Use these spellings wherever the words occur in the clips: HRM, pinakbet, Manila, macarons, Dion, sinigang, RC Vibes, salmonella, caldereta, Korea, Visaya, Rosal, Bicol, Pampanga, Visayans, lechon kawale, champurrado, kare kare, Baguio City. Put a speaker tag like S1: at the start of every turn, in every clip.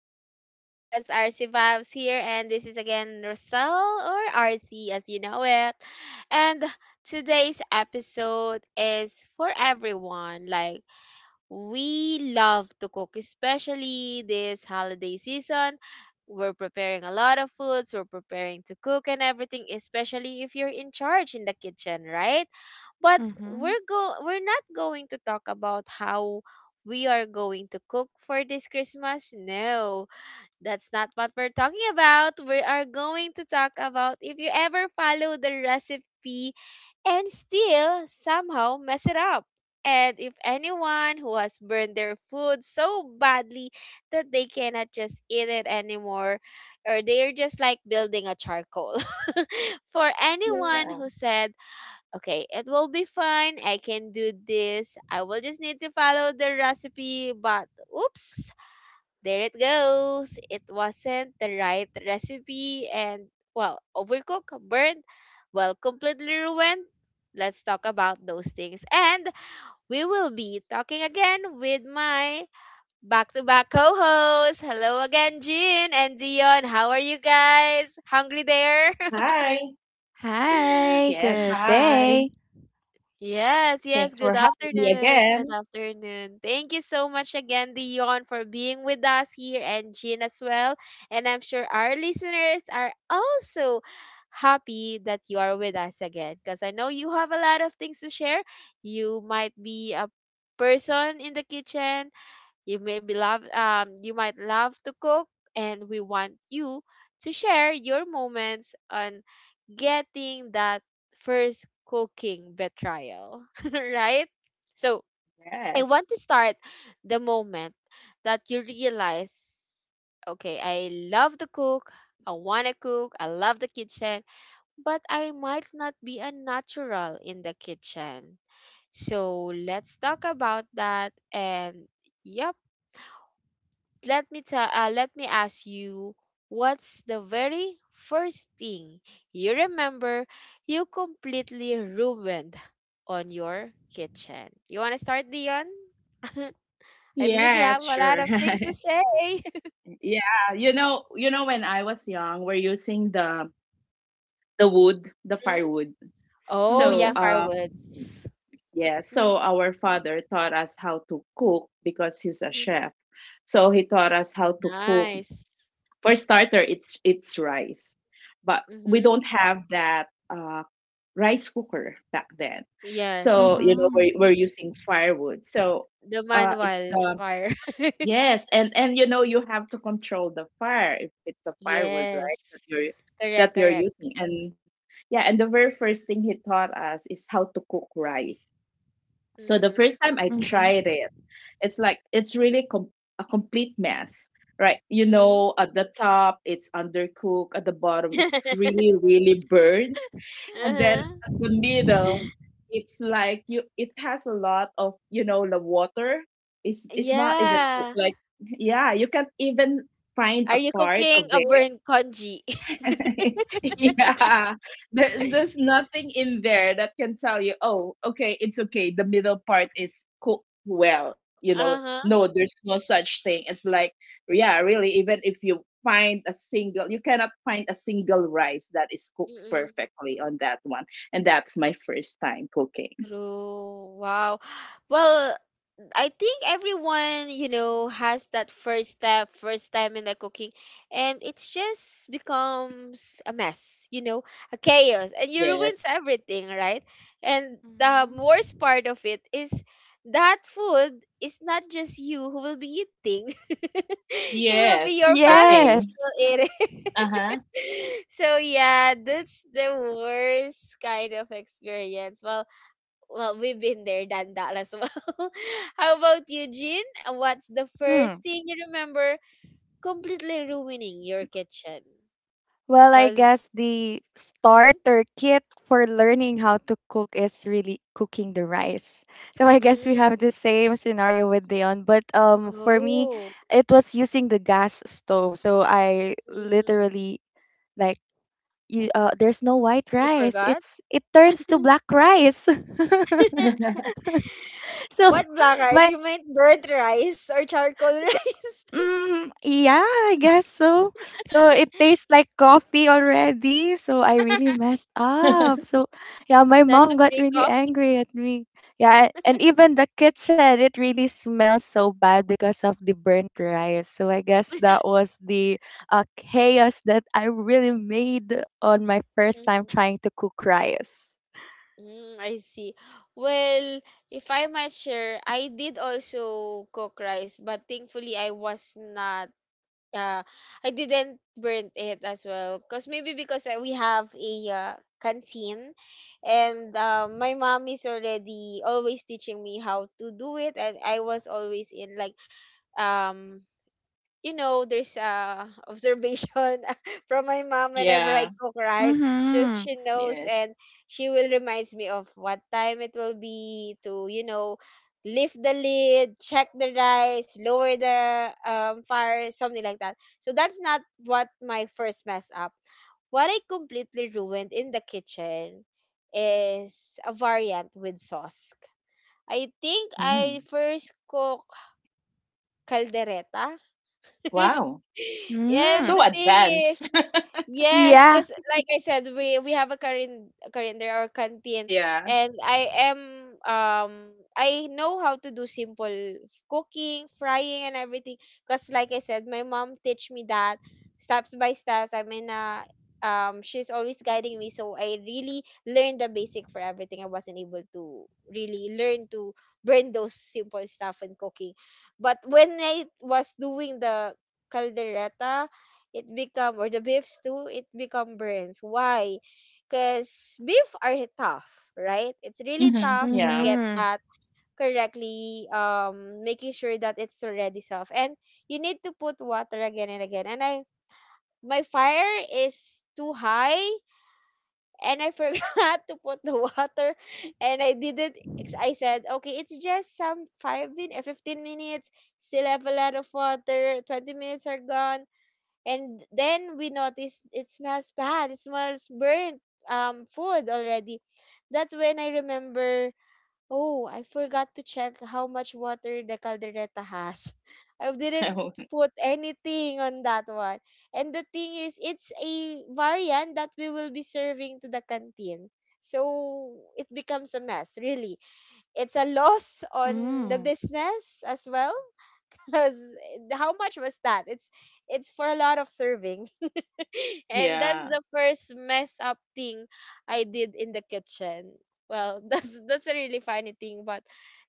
S1: to my podcast RC Vibes here, and this is again Rosal, or RC as you know it. And today's episode is for everyone. Like, we love to cook, especially this holiday season. We're preparing a lot of foods, we're preparing to cook and everything, especially if you're in charge in the kitchen, right? But
S2: Mhm.
S1: we're not going to talk about how we are going to cook for this Christmas. No, that's not what we're talking about. We are going to talk about if you ever follow the recipe and still somehow mess it up. And if anyone who has burned their food so badly that they cannot just eat it anymore, or they're just like building a charcoal. For anyone who
S3: Yeah.
S1: said, okay, it will be fine, I can do this, I will just need to follow the recipe, but oops, there it goes. It wasn't the right recipe and, well, overcooked, burnt, well, completely ruined. Let's talk about those things. And we will be talking again with my back to back co hosts. Hello again, Jean and Dion. How are you guys? Hungry there?
S3: Hi.
S2: Hi,
S3: Yes,
S2: good
S3: hi.
S2: day.
S1: Yes, yes.
S3: Thanks for
S1: Good
S3: having me
S1: afternoon. Good
S3: again.
S1: afternoon. Thank you so much again, Dion, for being with us here, and Jean as well. And I'm sure our listeners are also happy that you are with us again, because I know you have a lot of things to share. You might be a person in the kitchen, you may be love you might love to cook, and we want you to share your moments on getting that first cooking betrayal, right? So, I want
S3: Yes.
S1: to start the moment that you realize, okay, I love to cook, I want to cook, I love the kitchen, but I might not be a natural in the kitchen. So, let's talk about that and yeah, let me ask you, what's the very first thing you remember you completely ruined on your kitchen? You want to start, Dion? I believe you
S3: Yes,
S1: have a lot
S3: sure.
S1: of things to say.
S3: Yeah, when I was young, we're using the wood, the
S1: Mhm.
S3: firewood.
S1: Oh
S3: So,
S1: yeah,
S2: Mhm.
S1: fireworks.
S3: yeah, so our father taught us how to cook because he's a
S1: Mm-hmm.
S3: chef. So he taught us how to cook.
S1: Nice.
S3: For starter, it's rice. But we
S1: Mm-hmm.
S3: don't have that rice cooker back then. So,
S1: Yes,
S2: Mhm.
S3: we're using firewood. So,
S1: the
S3: uh, it's
S1: manual
S3: the,
S1: fire.
S3: yes. And, you have to control the fire if it's a firewood, right? That
S1: Yes,
S3: you're, that
S1: correct,
S3: you're
S1: correct.
S3: using. And yeah. And the very first thing he taught us is how to cook rice. So the
S1: Mm-hmm.
S3: first time I
S2: Mhm.
S3: tried it, it's like, it's really a complete mess. Right,
S1: Mm-hmm.
S3: at the top it's undercooked, at the bottom it's really, really burned. And then
S1: Uh-huh.
S3: at the middle, it's like you it has a lot of the water. It's not even cooked.
S1: Yeah.
S3: Like, yeah, you can't even find
S1: Are
S3: a
S1: you
S3: part
S1: cooking
S3: of.
S1: a burned congee?
S3: Yeah, there's nothing in there that can tell you, oh, okay, it's okay. The middle part is cooked well. No,
S1: Uh-huh.
S3: there's no such thing. It's like, yeah, really, even if you find a single, you cannot find a single rice that is cooked
S1: Mm-mm.
S3: perfectly on that one. And that's my first time cooking.
S1: True. Wow. Well, I think everyone, you know, has that first step, first time in the cooking, and it's just becomes a mess, you know, a chaos, and you ruins
S3: Yes.
S1: everything, right? And the
S2: Mhm.
S1: worst part of it is that food is not just you who will be eating. It will be
S3: Yes,
S1: your
S3: the
S1: family
S3: thing.
S1: who
S2: Yes.
S1: will eat.
S3: Uh-huh.
S1: So yeah, that's the worst kind of experience. Well, well, we've been there, done that as well. How about you, Jean? What's the first
S2: Hmm.
S1: thing you remember completely ruining your kitchen?
S2: Well, I
S1: Because
S2: guess the starter kit for learning how to cook is really cooking the rice. So I guess we have the same scenario with Dion, but for me
S1: oh,
S2: it was using the gas stove. So I
S1: mm,
S2: literally like you there's no white
S1: you
S2: rice.
S1: forgot.
S2: It turns to black rice. So
S1: What black rice?
S2: my
S1: You meant burnt rice or charcoal rice?
S2: mm, yeah, I guess so. So it tastes like coffee already. So I really messed up. So yeah, my
S1: That's
S2: mom
S1: a
S2: got
S1: free
S2: really
S1: coffee.
S2: angry at me. Yeah, and even the kitchen, it really smells so bad because of the burnt rice. So I guess that was the chaos that I really made on my first time trying to cook rice.
S1: Mm, I see. Well, if I might share, I did also cook rice, but thankfully I was not uh I didn't burn it as well. Cause maybe because we have a canteen, and my mom is already always teaching me how to do it, and I was always in like, um you know, there's a observation from my mom whenever I
S3: Yeah.
S1: cook rice. She
S2: Mm-hmm.
S1: she knows,
S3: Yes.
S1: and she will reminds me of what time it will be to, you know, lift the lid, check the rice, lower the fire, something like that. So that's not what my first mess up. What I completely ruined in the kitchen is a variant with sauce. I think I
S3: Mm.
S1: first cook caldereta,
S3: Wow.
S1: and
S2: Mm-hmm.
S3: So
S1: the thing is,
S3: advanced.
S1: yes,
S2: Yeah.
S1: because like I said, we have a current calendar or canteen,
S3: Yeah.
S1: and I am, um I know how to do simple cooking, frying, and everything. Because like I said, my mom teach me that steps by steps. I mean, in she's always guiding me, so I really learned the basic for everything. I wasn't able to really learn to burn those simple stuff in cooking, but when I was doing the caldereta, it become, or the beef too, it become burns. Why? Because beef are tough, right? It's really
S3: Hmm.
S1: tough to
S3: Yeah.
S1: get
S2: Mm-hmm.
S1: that correctly, making sure that it's already soft. And you need to put water again and again. And I My fire is too high, and I forgot to put the water, and I didn't ex- I said okay, it's just some five min 15 minutes, still have a lot of water. 20 minutes are gone, and then we noticed it smells bad, it smells burnt, um, food already. That's when I remember, oh, I forgot to check how much water the caldereta has. I didn't put anything on that one. And the thing is, it's a variant that we will be serving to the canteen, so it becomes a mess, really. It's a loss
S2: Mm.
S1: on the business as well. Because how much was that? It's for a lot of serving. And that's
S3: Yeah.
S1: the first mess up thing I did in the kitchen. Well, that's a really funny thing, but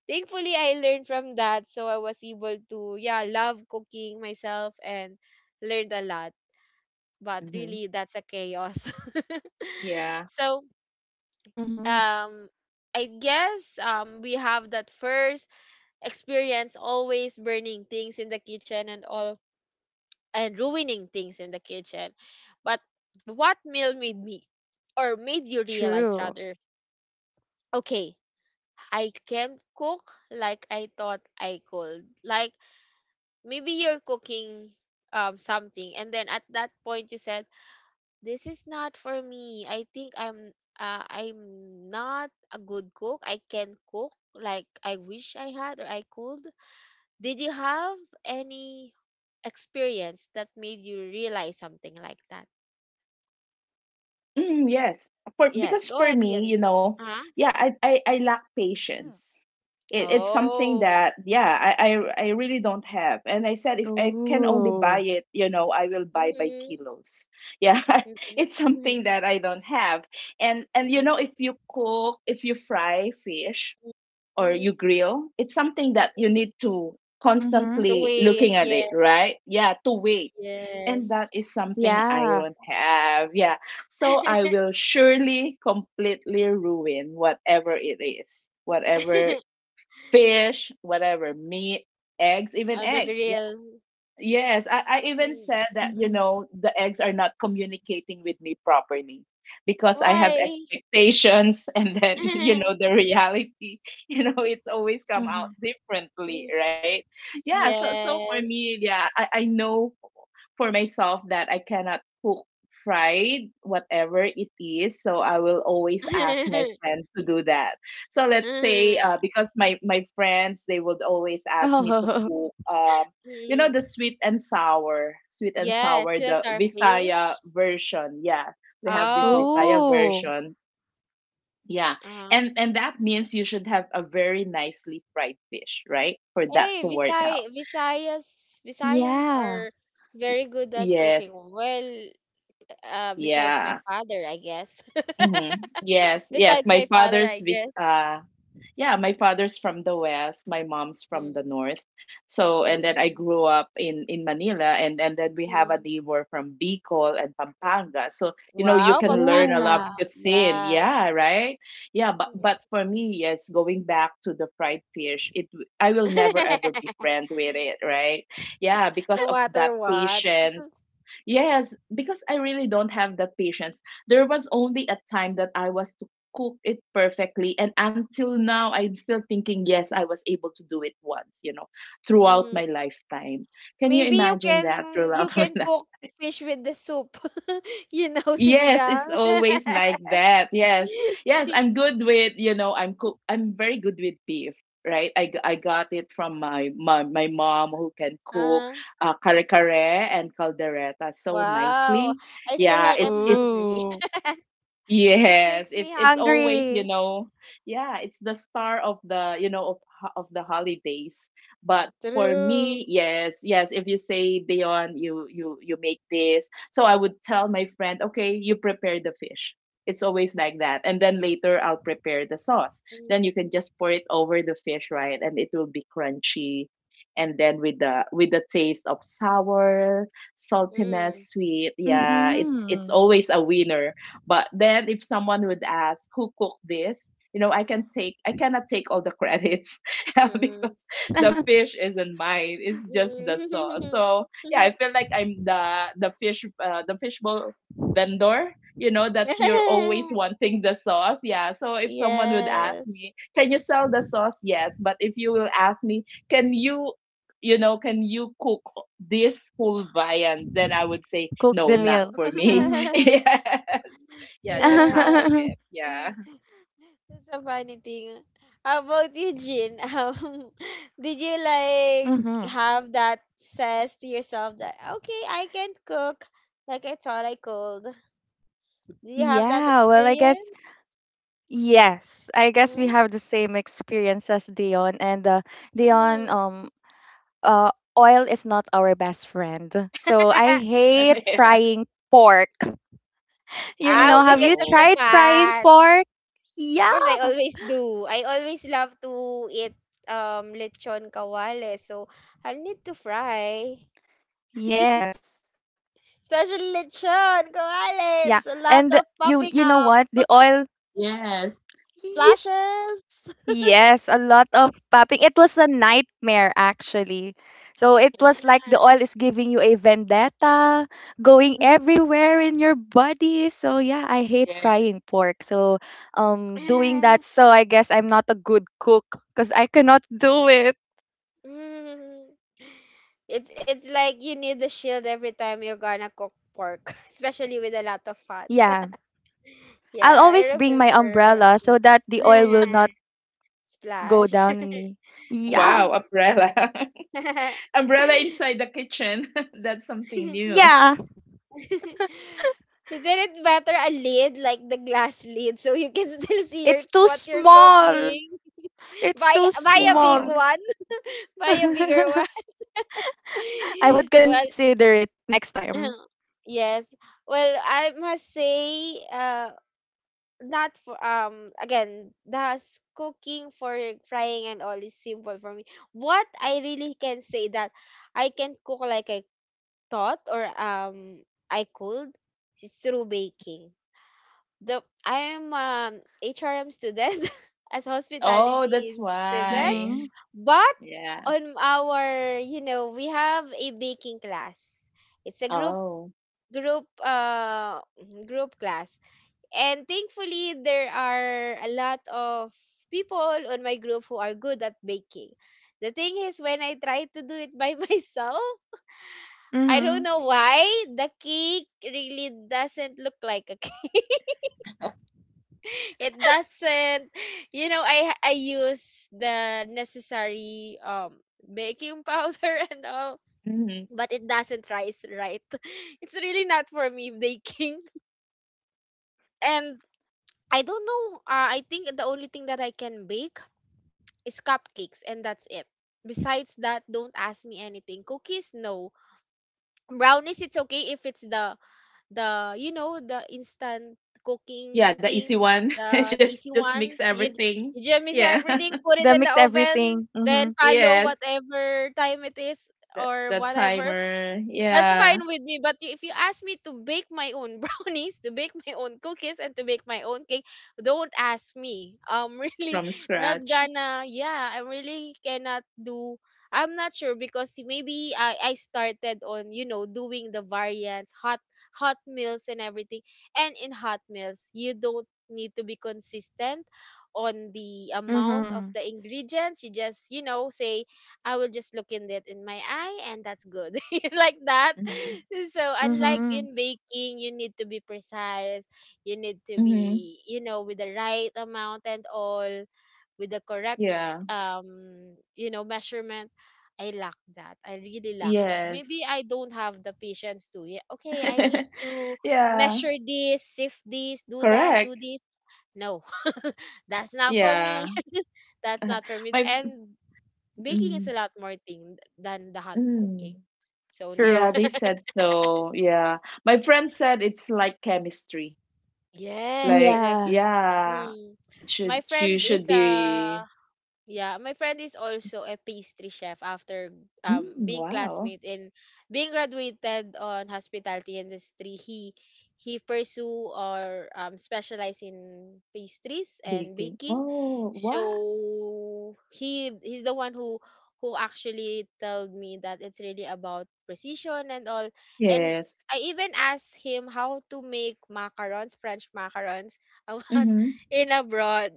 S1: thankfully I learned from that, so I was able to yeah love cooking myself and learned a lot. But
S3: Hmm.
S1: really, that's a chaos.
S3: Yeah.
S1: So,
S2: Mm-hmm.
S1: um, I guess we have that first experience always burning things in the kitchen and all and ruining things in the kitchen. But what meal made me, or made you
S2: True.
S1: realize rather, okay, I can not cook like I thought I could. Like, maybe you're cooking something, and then at that point you said, this is not for me. I think I'm not a good cook. I can not cook like I wish I had or I could. Did you have any experience that made you realize something like that?
S3: Mm, yes. For
S1: Yes,
S3: because
S1: go
S3: for
S1: ahead,
S3: me,
S1: Ian. Huh?
S3: yeah, I lack patience. It's something
S1: Oh.
S3: that yeah, I really don't have. And I said if
S2: Ooh.
S3: I can only buy it, I will buy by
S1: Mm-mm.
S3: kilos. Yeah,
S1: Mm-mm.
S3: it's
S1: Mm-mm.
S3: something that I don't have. And if you fry fish
S1: Mm-mm.
S3: or you
S1: Mm-mm.
S3: grill, it's something that you need to
S2: Mhm.
S1: To
S3: constantly
S1: wait.
S3: looking at it,
S1: Yes.
S3: right? Yeah, to wait and that
S1: Yes.
S3: is something
S2: Yeah.
S3: I don't have. Yeah. So I will surely completely ruin whatever it is, whatever fish, whatever meat, eggs, even
S1: On the
S3: eggs.
S1: grill.
S3: Yes, I even
S1: Mm.
S3: said that,
S2: Mhm,
S3: the eggs are not communicating with me properly because I have
S1: Why?
S3: expectations and then, the reality, it's always come
S2: mhm.
S3: out differently,
S1: Mm.
S3: right? Yeah, so for me,
S1: Yes.
S3: yeah, I know for myself that I cannot cook fried whatever it is, so I will always ask my friends to do that. So let's say, because my friends they would always ask me
S2: Oh.
S3: to cook the
S1: Mm.
S3: sweet and
S1: Yes,
S3: sour,
S1: that's
S3: the
S1: our
S3: Visaya
S1: fish.
S3: version. Yeah, we have this
S1: Oh,
S3: Visaya
S1: okay.
S2: Ooh.
S3: version. Yeah,
S1: Uh-huh.
S3: and that means you should have a very nicely fried fish, right, for that
S1: Hey,
S3: to work out.
S1: Visayas Visayans
S2: Yeah.
S1: are very good at
S3: Yes.
S1: cooking. Well, besides my
S3: Yeah.
S1: father, I guess.
S3: Mm-hmm. Yes. Yes.
S1: Besides my
S3: My
S1: father,
S3: father's
S1: I
S3: vis.
S1: guess.
S3: Yeah, my father's from the west, my mom's from the
S1: Mm,
S3: north. So and then I
S1: mm,
S3: grew up in Manila, and then we have a
S1: mm.
S3: neighbor from Bicol and Pampanga. So you
S1: Wow,
S3: can learn a lot of
S2: Ooh.
S1: Pampanga.
S3: cuisine.
S1: Yes.
S3: Yeah, right. Yeah, but
S1: Mm.
S3: but for me, yes, going back to the fried fish, I will never ever be friend with it, right? Yeah, because
S1: No
S3: of that
S1: matter what.
S3: patience. Yes, because I really don't have that patience. There was only a time that I was cook it perfectly. And until now, I'm still thinking, yes, I was able to do it once, throughout
S1: Mm.
S3: my lifetime. Can you
S1: Maybe
S3: imagine that
S1: you
S3: throughout my
S1: can
S3: life?
S1: cook fish with the soup. You know,
S3: Yes, it's
S1: sinigang.
S3: always like that. Yes. Yes, I'm good with, I'm very good with beef, right? I got it from my mom who can cook
S1: Ah.
S3: kare kare and caldereta so
S1: Wow.
S3: nicely.
S1: I feel
S3: Yeah,
S1: like I'm
S3: it's
S1: hungry.
S2: Ooh. It
S3: yes,
S2: makes me
S3: it's always,
S2: hungry.
S3: yeah, it's the star of the, you know, of ho- of the holidays. But for
S1: True.
S3: me, yes, yes, if you say, Dion, you make this. So I would tell my friend, okay, you prepare the fish. It's always like that. And then later I'll prepare the sauce.
S1: Mm-mm.
S3: Then you can just pour it over the fish, right? And it will be crunchy. And then with the taste of sour, saltiness, sweet. Yeah, it's
S2: Mhm.
S3: always a winner. But then if someone would ask who cooked this, I cannot take all the credits. Yeah,
S1: Mm-mm.
S3: because the fish isn't mine. It's just the sauce. So yeah, I feel like I'm the fishbowl vendor. That's you're always wanting the sauce. Yeah. So if someone would ask
S1: Yes.
S3: me, can you sell the sauce? Yes. But if you will ask me, can you can you cook this whole viand? Then I would say,
S2: Cook the
S3: no,
S1: No.
S3: not
S2: meal.
S3: for me.
S2: Mhm.
S3: Yes. Yeah, just half
S1: Yeah.
S3: of it. Yeah.
S1: That's a funny thing. How about you, Jin? Did you like
S2: Mhm.
S1: have that says to yourself that okay, I can cook like I thought I could? Did you have that
S2: Yeah, well, I guess
S1: experience?
S2: yes. I guess we have the same experience as Dion and, Dion,
S1: Mm-hmm.
S2: uh, oil is not our best friend. So I hate
S3: Yeah.
S2: frying pork. You
S1: Ah,
S2: know,
S3: Oh
S2: have
S1: because
S2: you
S1: of the
S3: no.
S2: tried frying
S1: fat.
S2: pork?
S1: Of
S2: Yeah.
S1: course, I always do. I always love to eat lechon kawale. So, I'll need to fry.
S2: Yes.
S1: Especially lechon
S2: Yeah.
S1: kawale. It's a
S2: And
S1: lot of
S2: you know
S1: popping
S2: what?
S1: up
S2: The oil
S3: Yes.
S2: yeah.
S1: splashes.
S2: Yes, a lot of popping. It was a nightmare actually. So it was like the oil is giving you a vendetta, going everywhere in your body. So yeah, I hate
S3: Yes.
S2: frying pork. So doing that, so I guess I'm not a good cook because I cannot do it.
S1: Mm. It's like you need the shield every time you're gonna cook pork, especially with a lot of fats.
S2: Yeah. I'll
S1: Yeah, I
S2: always bring my
S1: remember.
S2: umbrella so that the oil will not
S1: Mm.
S2: go
S1: Splash.
S2: down on me. Yeah.
S3: Wow, umbrella.
S1: Isn't
S3: Umbrella inside the kitchen. That's something new.
S2: Yeah.
S1: it better a lid like the glass lid so you can still see your
S2: It's too
S1: what you're
S2: small.
S1: cooking?
S2: It's
S1: Buy
S2: too
S1: buy a
S2: small.
S1: big
S3: Wow.
S1: one. Buy a bigger one.
S2: I would
S1: Well,
S2: consider it next time.
S1: yes. Well, I must say not for again cooking for frying and all is simple for me. What I really can say that I can cook like I taught, or I could, is through baking. The I am HRM student as
S3: Oh, that's
S1: hospitality student,
S3: why.
S2: Mhm.
S1: but
S3: Yeah.
S1: on our you know we have a baking class. It's a
S3: Oh.
S1: group uh group class. And thankfully, there are a lot of people on my group who are good at baking. The thing is, when I try to do it by myself, I don't
S2: Mhm.
S1: know why the cake really doesn't look like a cake. It doesn't. You know, I use the necessary baking powder and all,
S3: Hmm.
S1: but it doesn't rise right. It's really not for me baking. And I don't know. I think the only thing that I can bake is cupcakes and that's it. Besides that, don't ask me anything. Cookies, no. Brownies, it's okay if it's the you know the instant cooking
S3: Yeah, the
S1: thing,
S3: easy one.
S1: the
S3: just
S1: easy
S3: just mix
S1: ones. you
S3: everything.
S1: you just mix
S3: Yeah.
S1: everything, put
S2: The
S1: it in
S2: mix
S1: the oven,
S2: everything. Mhm.
S1: then follow
S3: Yes.
S1: whatever time it is
S3: The,
S1: or
S3: the
S1: whatever.
S3: timer.
S1: That's fine
S3: Yeah.
S1: with me, but if you ask me to bake my own brownies, to bake my own cookies, and to bake my own cake, don't ask me. I'm really
S3: From
S1: not
S3: scratch.
S1: gonna. Yeah, I really cannot do. I'm not sure because maybe I started on you know doing the variants, hot meals and everything. And in hot meals, you don't need to be consistent on the amount of
S2: Mhm.
S1: the ingredients. You just say I will just look in it in my eye and that's good. Like that.
S3: Hmm.
S1: So unlike
S2: Mhm.
S1: in baking, you need to be precise. You need to
S3: Hmm.
S1: be, with the right amount and all, with the correct
S3: Yeah.
S1: measurement. I lack that. I really lack that.
S3: Yes.
S1: Maybe I don't have the patience to. Yeah, okay, I need to
S3: Yeah.
S1: measure this, sift this, do that, do
S3: Correct.
S1: this. No, that's not for
S3: Yeah.
S1: me, that's not for me.
S3: My
S1: And baking is
S3: mm,
S1: a lot more thing than the hot
S3: mm,
S1: cooking. So no.
S3: yeah,
S2: True.
S3: they said so. Yeah. My friend said it's like chemistry.
S1: Yes,
S3: Like,
S1: correct.
S2: Yeah.
S3: yeah,
S1: Hmm.
S3: it should
S1: My
S3: you
S1: friend
S3: should
S1: is
S3: be.
S1: a Yeah, my friend is also a pastry chef after being
S3: Wow.
S1: classmate and being graduated on hospitality industry. He pursue or specialize in pastries and
S3: Baking.
S1: baking.
S3: Oh, wow.
S1: So he's the one who actually told me that it's really about precision and all. And
S3: Yes.
S1: I even asked him how to make macarons, French macarons. I was
S3: Mm-hmm.
S1: in abroad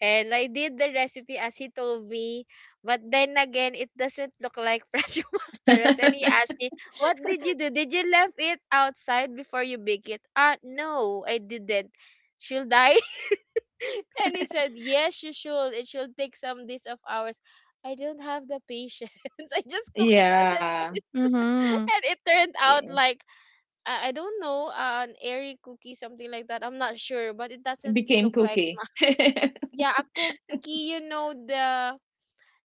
S1: and I did the recipe as he told me, but then again, it doesn't look like fresh macarons. And he asked me, "What did you do? Did you left it outside before you bake it?" Ah, no, I didn't. Should I? And he said, "Yes, you should. It should take some days of hours." I don't have the patience. I just cook it as it
S3: Yeah.
S1: is,
S2: Mhm.
S1: and it turned out
S3: Yeah.
S1: like I don't know, an airy cookie, something like that. I'm not sure, but it
S3: It
S1: doesn't
S3: became
S1: look like
S3: cookie.
S1: yeah, a cookie, you know, the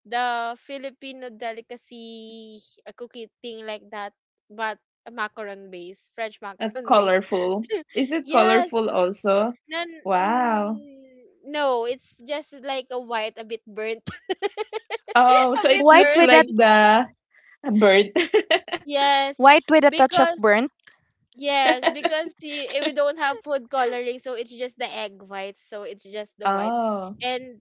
S1: Filipino delicacy, a cookie thing like that, but a macaron base, French
S3: A
S1: macaron base.
S3: colorful. Is it colorful
S1: Yes.
S3: also?
S1: No,
S3: Wow.
S1: no, it's just like a white, a bit burnt,
S3: Oh,
S1: a
S3: so it
S1: bit
S2: White
S3: looks
S2: with that
S3: like
S1: burnt.
S3: the bird.
S1: Yes,
S2: white with a touch of
S1: because
S2: burnt.
S1: yes, because see, eh, we don't have food coloring, so it's just the egg white. So it's just the white,
S3: Oh.
S1: and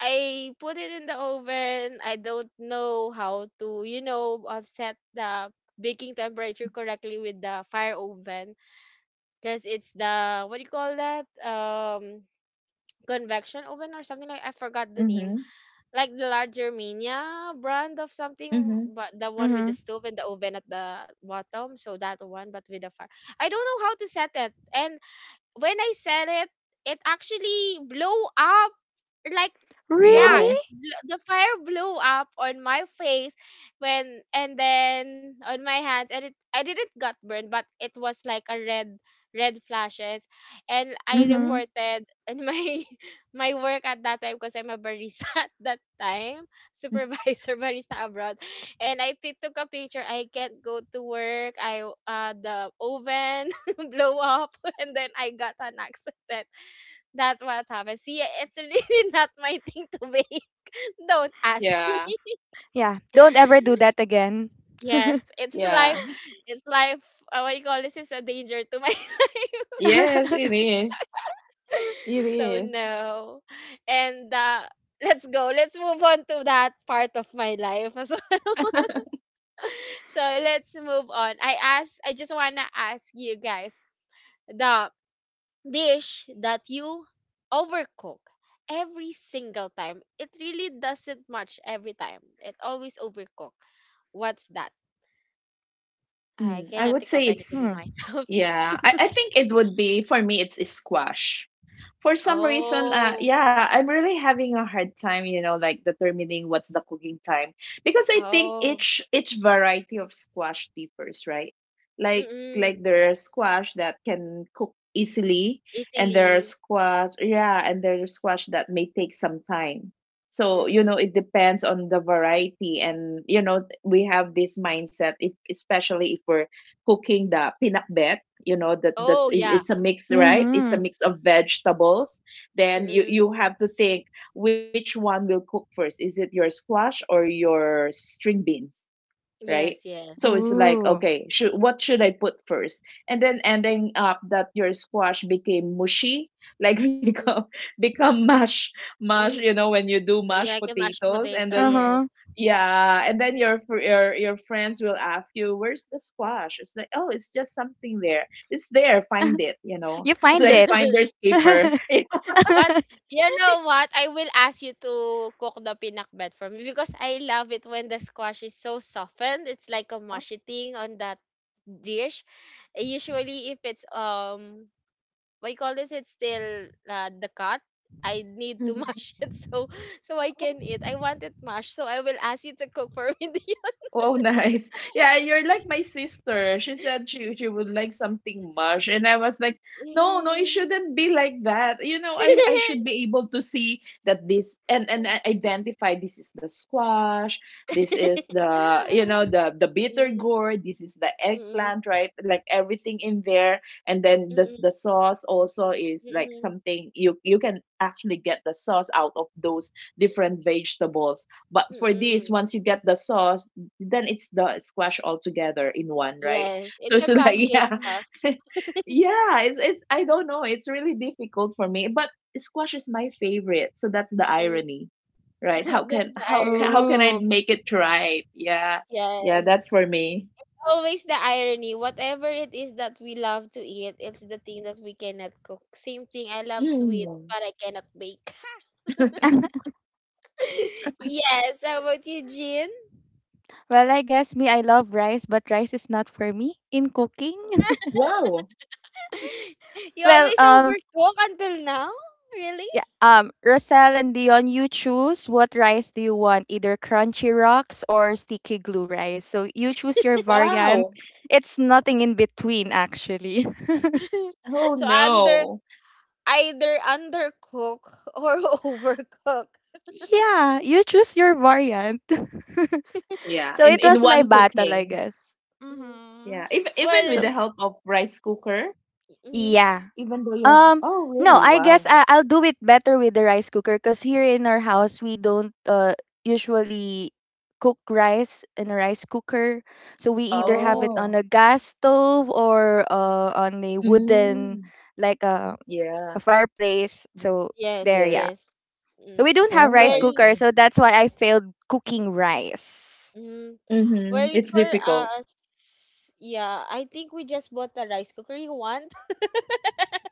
S1: I put it in the oven. I don't know how to, you know, set the baking temperature correctly with the fire oven because it's the what do you call that? Convection oven or something, like I forgot the name.
S3: Mhm,
S1: Like the larger Germania brand of something,
S3: mhm.
S1: but the one with the
S2: Mhm.
S1: stove and the oven at the bottom. So that one, but with the fire. I don't know how to set it. And when I set it, it actually blow up like yeah
S2: Really?
S3: Wow.
S1: the fire blew up on my face when and then on my hands, and it I didn't got burned, but it was like a red red flashes. And I
S3: Mhm.
S2: Mhm.
S1: reported in my my work at that time because I'm a barista at that time, supervisor barista abroad, and took a picture. I can't go to work. I The oven blow up and then I got an accident. That's what happens. See, it's really not my thing to be. Don't ask me.
S3: Yeah,
S2: Yeah. Don't ever do that again.
S1: Yes, it's life.
S3: yeah.
S1: It's life. What you call this is a danger to my
S3: Yes, it is. It
S1: So
S3: is.
S1: no. And let's go. Let's move on to that part of my life. So let's move on. I just wanna ask you guys the dish that you overcook every single time. It really doesn't much every time. It always overcook. What's that? I
S3: Mm, I
S1: cannot
S3: would
S1: think
S3: say
S1: of anything of
S3: it's,
S2: Hmm.
S1: myself.
S3: yeah. I think it would be, for me, it's squash. For some reason,
S1: Oh,
S3: yeah, I'm really having a hard time, like determining what's the cooking time, because I think
S1: oh,
S3: each variety of squash differs, right? Like
S1: mm-mm.
S3: there are squash that can cook easily, and there are
S1: Easily.
S3: squash, yeah, and there are squash that may take some time. So
S1: Mm-mm.
S3: it depends on the variety, and we have this mindset, if especially if we're cooking the pinakbet. You know that that's
S1: Oh,
S3: it.
S1: yeah.
S3: It's a mix, right? It's a
S2: Mhm.
S3: mix of vegetables. Then you
S1: Mm-mm.
S3: have to think, which one will cook first? Is it your squash or your string beans, right?
S1: Yes, yes.
S3: So it's like,
S2: Ooh.
S3: okay, should what should I put first? And then ending up that your squash became mushy, like
S1: Mm-hmm.
S3: become mash.
S1: Mm.
S3: You know when you do
S1: Yeah,
S3: mashed
S1: like a mashed
S3: potatoes and
S1: potato,
S3: there's.
S1: yes.
S2: Uh-huh.
S3: Yeah, and then your friends will ask you, "Where's the squash?" It's like, "Oh, it's just something there. It's there. Find it." You know,
S2: You
S3: it's
S2: find
S3: like
S2: it.
S3: finder's keeper.
S1: But you know what? I will ask you to cook the pinakbet for me because I love it when the squash is so softened. It's like a mushy thing on that dish. Usually, if it's we call this it's still the cut I need to
S3: You know?
S1: mash it so so I
S3: Oh, mhm.
S1: can eat. I want it mashed, so I will ask you to cook for me. Do
S3: Oh, nice. Yeah, you're like my sister. She said she would like something mush, and I was like, no, no, it
S1: you-
S3: shouldn't be like that. I should be able to see that this, and I identify this is the squash, this is the bitter gourd, this is the
S1: Mm,
S3: eggplant, right? Like everything in there, and then
S1: mm,
S3: the
S1: mm,
S3: the sauce also is
S1: mm,
S3: like
S1: mm.
S3: something you can actually get the sauce out of those different vegetables. But for this,
S1: Mm.
S3: once you get the sauce, then it's the squash all together in one, right?
S1: Yes, it's
S3: So
S1: a
S3: so that,
S1: pumpkin
S3: yeah.
S2: Mhm.
S1: sauce.
S3: Yeah. It's I don't know. It's really difficult for me, but squash is my favorite. So that's the
S1: Mm.
S3: irony, right? How can
S1: That's the
S3: how ca- how
S1: irony.
S3: can I
S2: Ooh.
S3: make it right? Yeah, yeah.
S1: Yes.
S3: That's for me.
S1: Always the irony. Whatever it is that we love to eat, it's the thing that we cannot cook. Same thing, I love sweets,
S3: Hmm.
S1: but I cannot bake. Yes, how about you, Jean?
S2: Well, I guess me, I love rice, but rice is not for me in cooking.
S3: Wow,
S1: You
S2: Well,
S1: always overcook until now? Really?
S2: yeah, Rosal and Dion, you choose what rice do you want, either crunchy rocks or sticky glue rice. So you choose your variant.
S3: wow.
S2: It's nothing in between, actually.
S3: Oh
S1: So under
S3: no.
S1: either undercook or overcook.
S2: Yeah, you choose your variant.
S3: Yeah,
S2: So
S3: in
S2: it
S3: in
S2: was my
S3: one
S2: battle, I
S3: cooking.
S2: guess.
S1: Mhm.
S2: Mm-hmm.
S3: Yeah, even with
S2: So
S3: the
S1: Well,
S3: help of rice cooker.
S1: mhm.
S2: yeah.
S3: Even though you have,
S2: Um,
S3: oh
S2: no,
S3: really?
S2: I guess
S3: Wow.
S2: I'll do it better with the rice cooker because here in our house we don't usually cook rice in a rice cooker. So we either have
S1: Oh,
S2: it on
S3: Oh.
S2: a gas stove or on a wooden
S3: Mm.
S2: like a
S3: Yeah.
S2: fireplace.
S3: Mm.
S2: So
S1: yes,
S2: there, yeah.
S3: Yes.
S1: yes.
S2: So
S1: Mm.
S2: we don't have
S3: Oh,
S2: rice
S3: I
S1: Well,
S2: cooker,
S3: see.
S2: so that's why I failed cooking rice.
S1: mm,
S3: Mm-hmm.
S1: well
S3: It's
S1: for
S3: difficult.
S1: us, yeah, I think we just bought a rice cooker you want.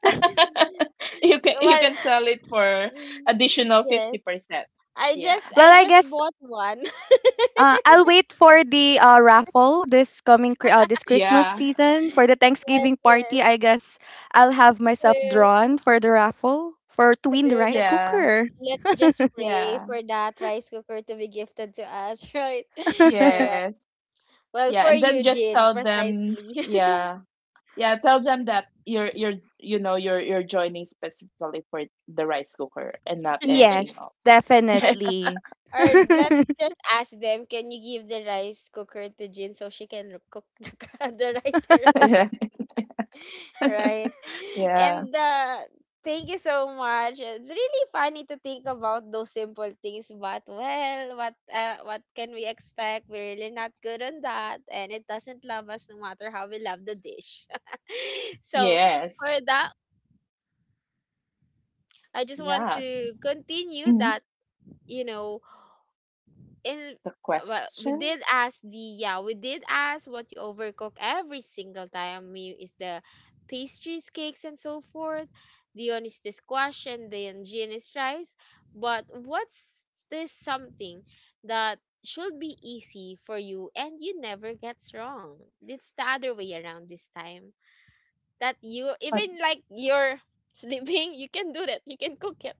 S3: You can you
S1: Well,
S3: can sell it for
S1: mm,
S3: additional
S1: yes.
S3: 50%. Yeah.
S2: Well,
S1: I
S2: I
S1: just
S2: guess
S1: bought one.
S2: I'll wait for the raffle this coming this Christmas
S3: Yeah.
S2: season for the Thanksgiving party.
S1: Yes,
S2: I guess I'll have myself
S1: yes.
S2: drawn for the raffle for to win the
S1: True.
S2: rice
S3: Yeah.
S2: cooker.
S1: Let's just pray
S3: Yeah.
S1: for that rice cooker to be gifted to us, right? Correct.
S3: Yes.
S1: Well,
S3: Yeah,
S1: for
S3: and then
S1: you,
S3: just
S1: Jin,
S3: tell them,
S1: precisely.
S3: yeah. Yeah, tell them that you're you know, you're joining specifically for the rice cooker and not anything
S2: Yes,
S3: else.
S1: or
S2: definitely.
S1: or let's just ask them, can you give the rice cooker to Jin so she can cook the rice
S3: Yeah.
S1: right?
S3: Yeah.
S1: And thank you so much. It's really funny to think about those simple things, but well, what can we expect? We're really not good on that, and it doesn't love us no matter how we love the dish. So for
S3: Yes.
S1: that, I just want
S3: Yes.
S1: to continue that
S3: Mhm.
S1: you know and
S3: The
S1: well, we
S3: question?
S1: did ask the yeah, we did ask what you overcook every single time. Me is the pastries, cakes, and so forth. Dion is the squash, and then Jean is rice. But what's this something that should be easy for you and you never gets wrong? It's the other way around this time. That you
S3: But
S1: even like you're sleeping, you can do that. You can cook it.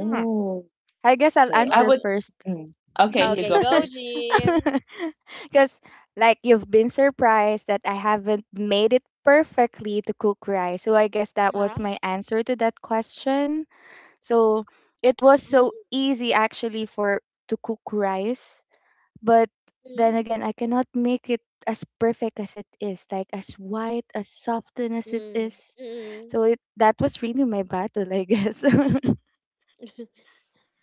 S2: Hmm, I guess I'll
S3: okay. I
S2: answer
S3: would.
S1: Oh,
S2: first.
S3: Mm. Okay, you
S1: okay,
S3: go
S1: go,
S3: first.
S1: Jean.
S2: Because, like, you've been surprised that I haven't made it perfectly to cook rice. So, I guess that was
S1: Yeah.
S2: my answer to that question. So it was so easy actually for to cook rice, but then
S1: Mm-hmm.
S2: again, I cannot make it as perfect as it is, like as white, as softened as it
S1: Mm,
S2: is.
S1: mm.
S2: So it that was really my battle, I guess.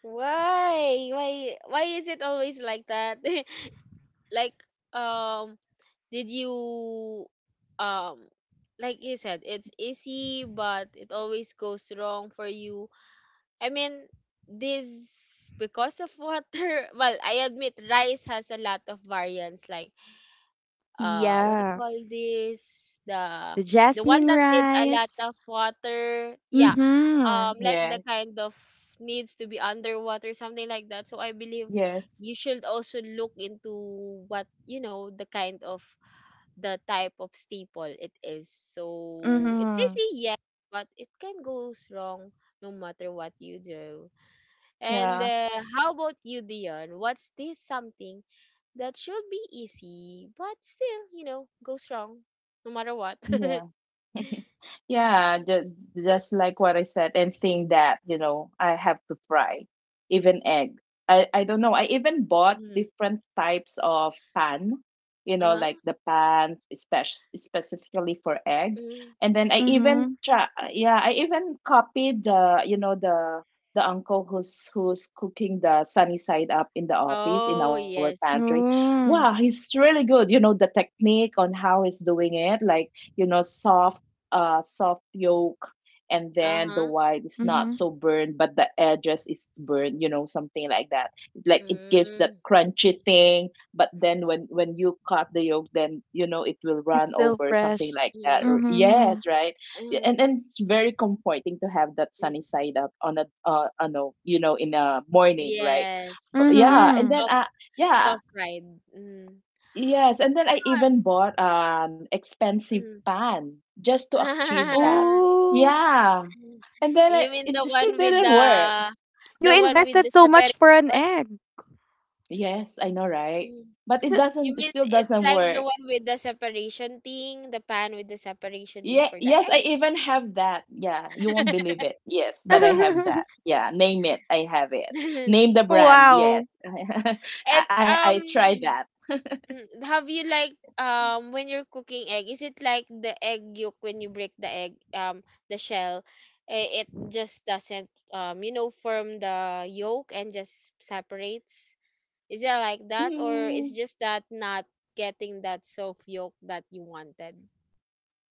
S1: Why? Why? Why is it always like that? Like, um, did you, um, like you said, it's easy, but it always goes wrong for you. I mean, this because of water. Well, I admit rice has a lot of variants, like what do you
S2: Yeah,
S1: call this, the
S2: the
S1: one
S2: jasmine
S1: that needs a lot
S2: rice.
S1: of water, yeah,
S2: Mhm.
S1: like the
S3: Yeah.
S1: kind of needs to be underwater something like that. So I believe
S3: Yes.
S1: you should also look into what you know, the kind of the type of staple it is, so it's
S2: Mhm.
S1: easy yeah, but it can go wrong no matter what you do. And
S3: Yeah.
S1: how about you, Dion? What's this something that should be easy, but still, you know, goes wrong no matter what?
S3: Yeah. Yeah, just like what I said, and think that, I have to fry even egg. I don't know. I even bought
S1: Mm.
S3: different types of pan,
S1: Uh-huh.
S3: like the pan specifically for egg.
S1: Mm.
S3: And then I even
S2: Mhm.
S3: try, yeah, I even copied the uncle who's cooking the sunny side up in the office in
S1: Oh,
S3: our pantry.
S1: yes.
S3: Wow,
S2: Mm.
S3: he's really good. You know, the technique on how he's doing it, like soft soft yolk, and then the
S1: Uh-huh.
S3: white is not
S2: Mhm.
S3: so burned but the edges is burned, you know, something like that. Like it gives that
S1: Mm.
S3: crunchy thing, but then when you cut the yolk, then you know it will
S2: It's
S3: run
S2: still
S3: over, something
S2: fresh.
S3: like that
S1: Mm.
S3: or,
S2: Mhm.
S3: yes, right. Yeah, and
S1: Mm.
S3: and it's very comforting to have that
S1: Mm.
S3: sunny side up on a in a morning, right? But
S1: Yes.
S3: yeah,
S1: Yes.
S3: and
S2: Mhm.
S3: then
S1: Soft
S3: yeah.
S1: soft ride. Mm.
S3: Yes, and then I
S1: Ah,
S3: even bought an expensive
S1: mm.
S3: pan just to achieve that.
S2: Oh,
S3: Yeah. And then I,
S1: You mean the
S3: it still
S1: one with
S3: didn't work.
S2: you
S1: the one with
S2: invested
S1: the
S2: so much for an
S1: separation?
S2: egg.
S3: Yes, I know, right?
S1: Mm.
S3: But
S1: You
S3: it
S1: mean
S3: still
S1: it's
S3: doesn't
S1: like the
S3: work.
S1: one with the separation thing, the pan with the separation thing
S3: Yeah,
S1: for the
S3: yes, I
S1: egg?
S3: even have that. Yeah, you won't believe it. Yes, but I have that. Yeah, name it. I have it. Name the brand. Yes.
S2: Wow.
S3: I
S1: And
S3: I, I tried that.
S1: have you like when you're cooking egg, is it like the egg yolk when you break the egg the shell, eh, it just doesn't you know form the yolk and just separates? Is it like that, or it's
S3: Mm,
S1: just that not getting that soft yolk that you wanted?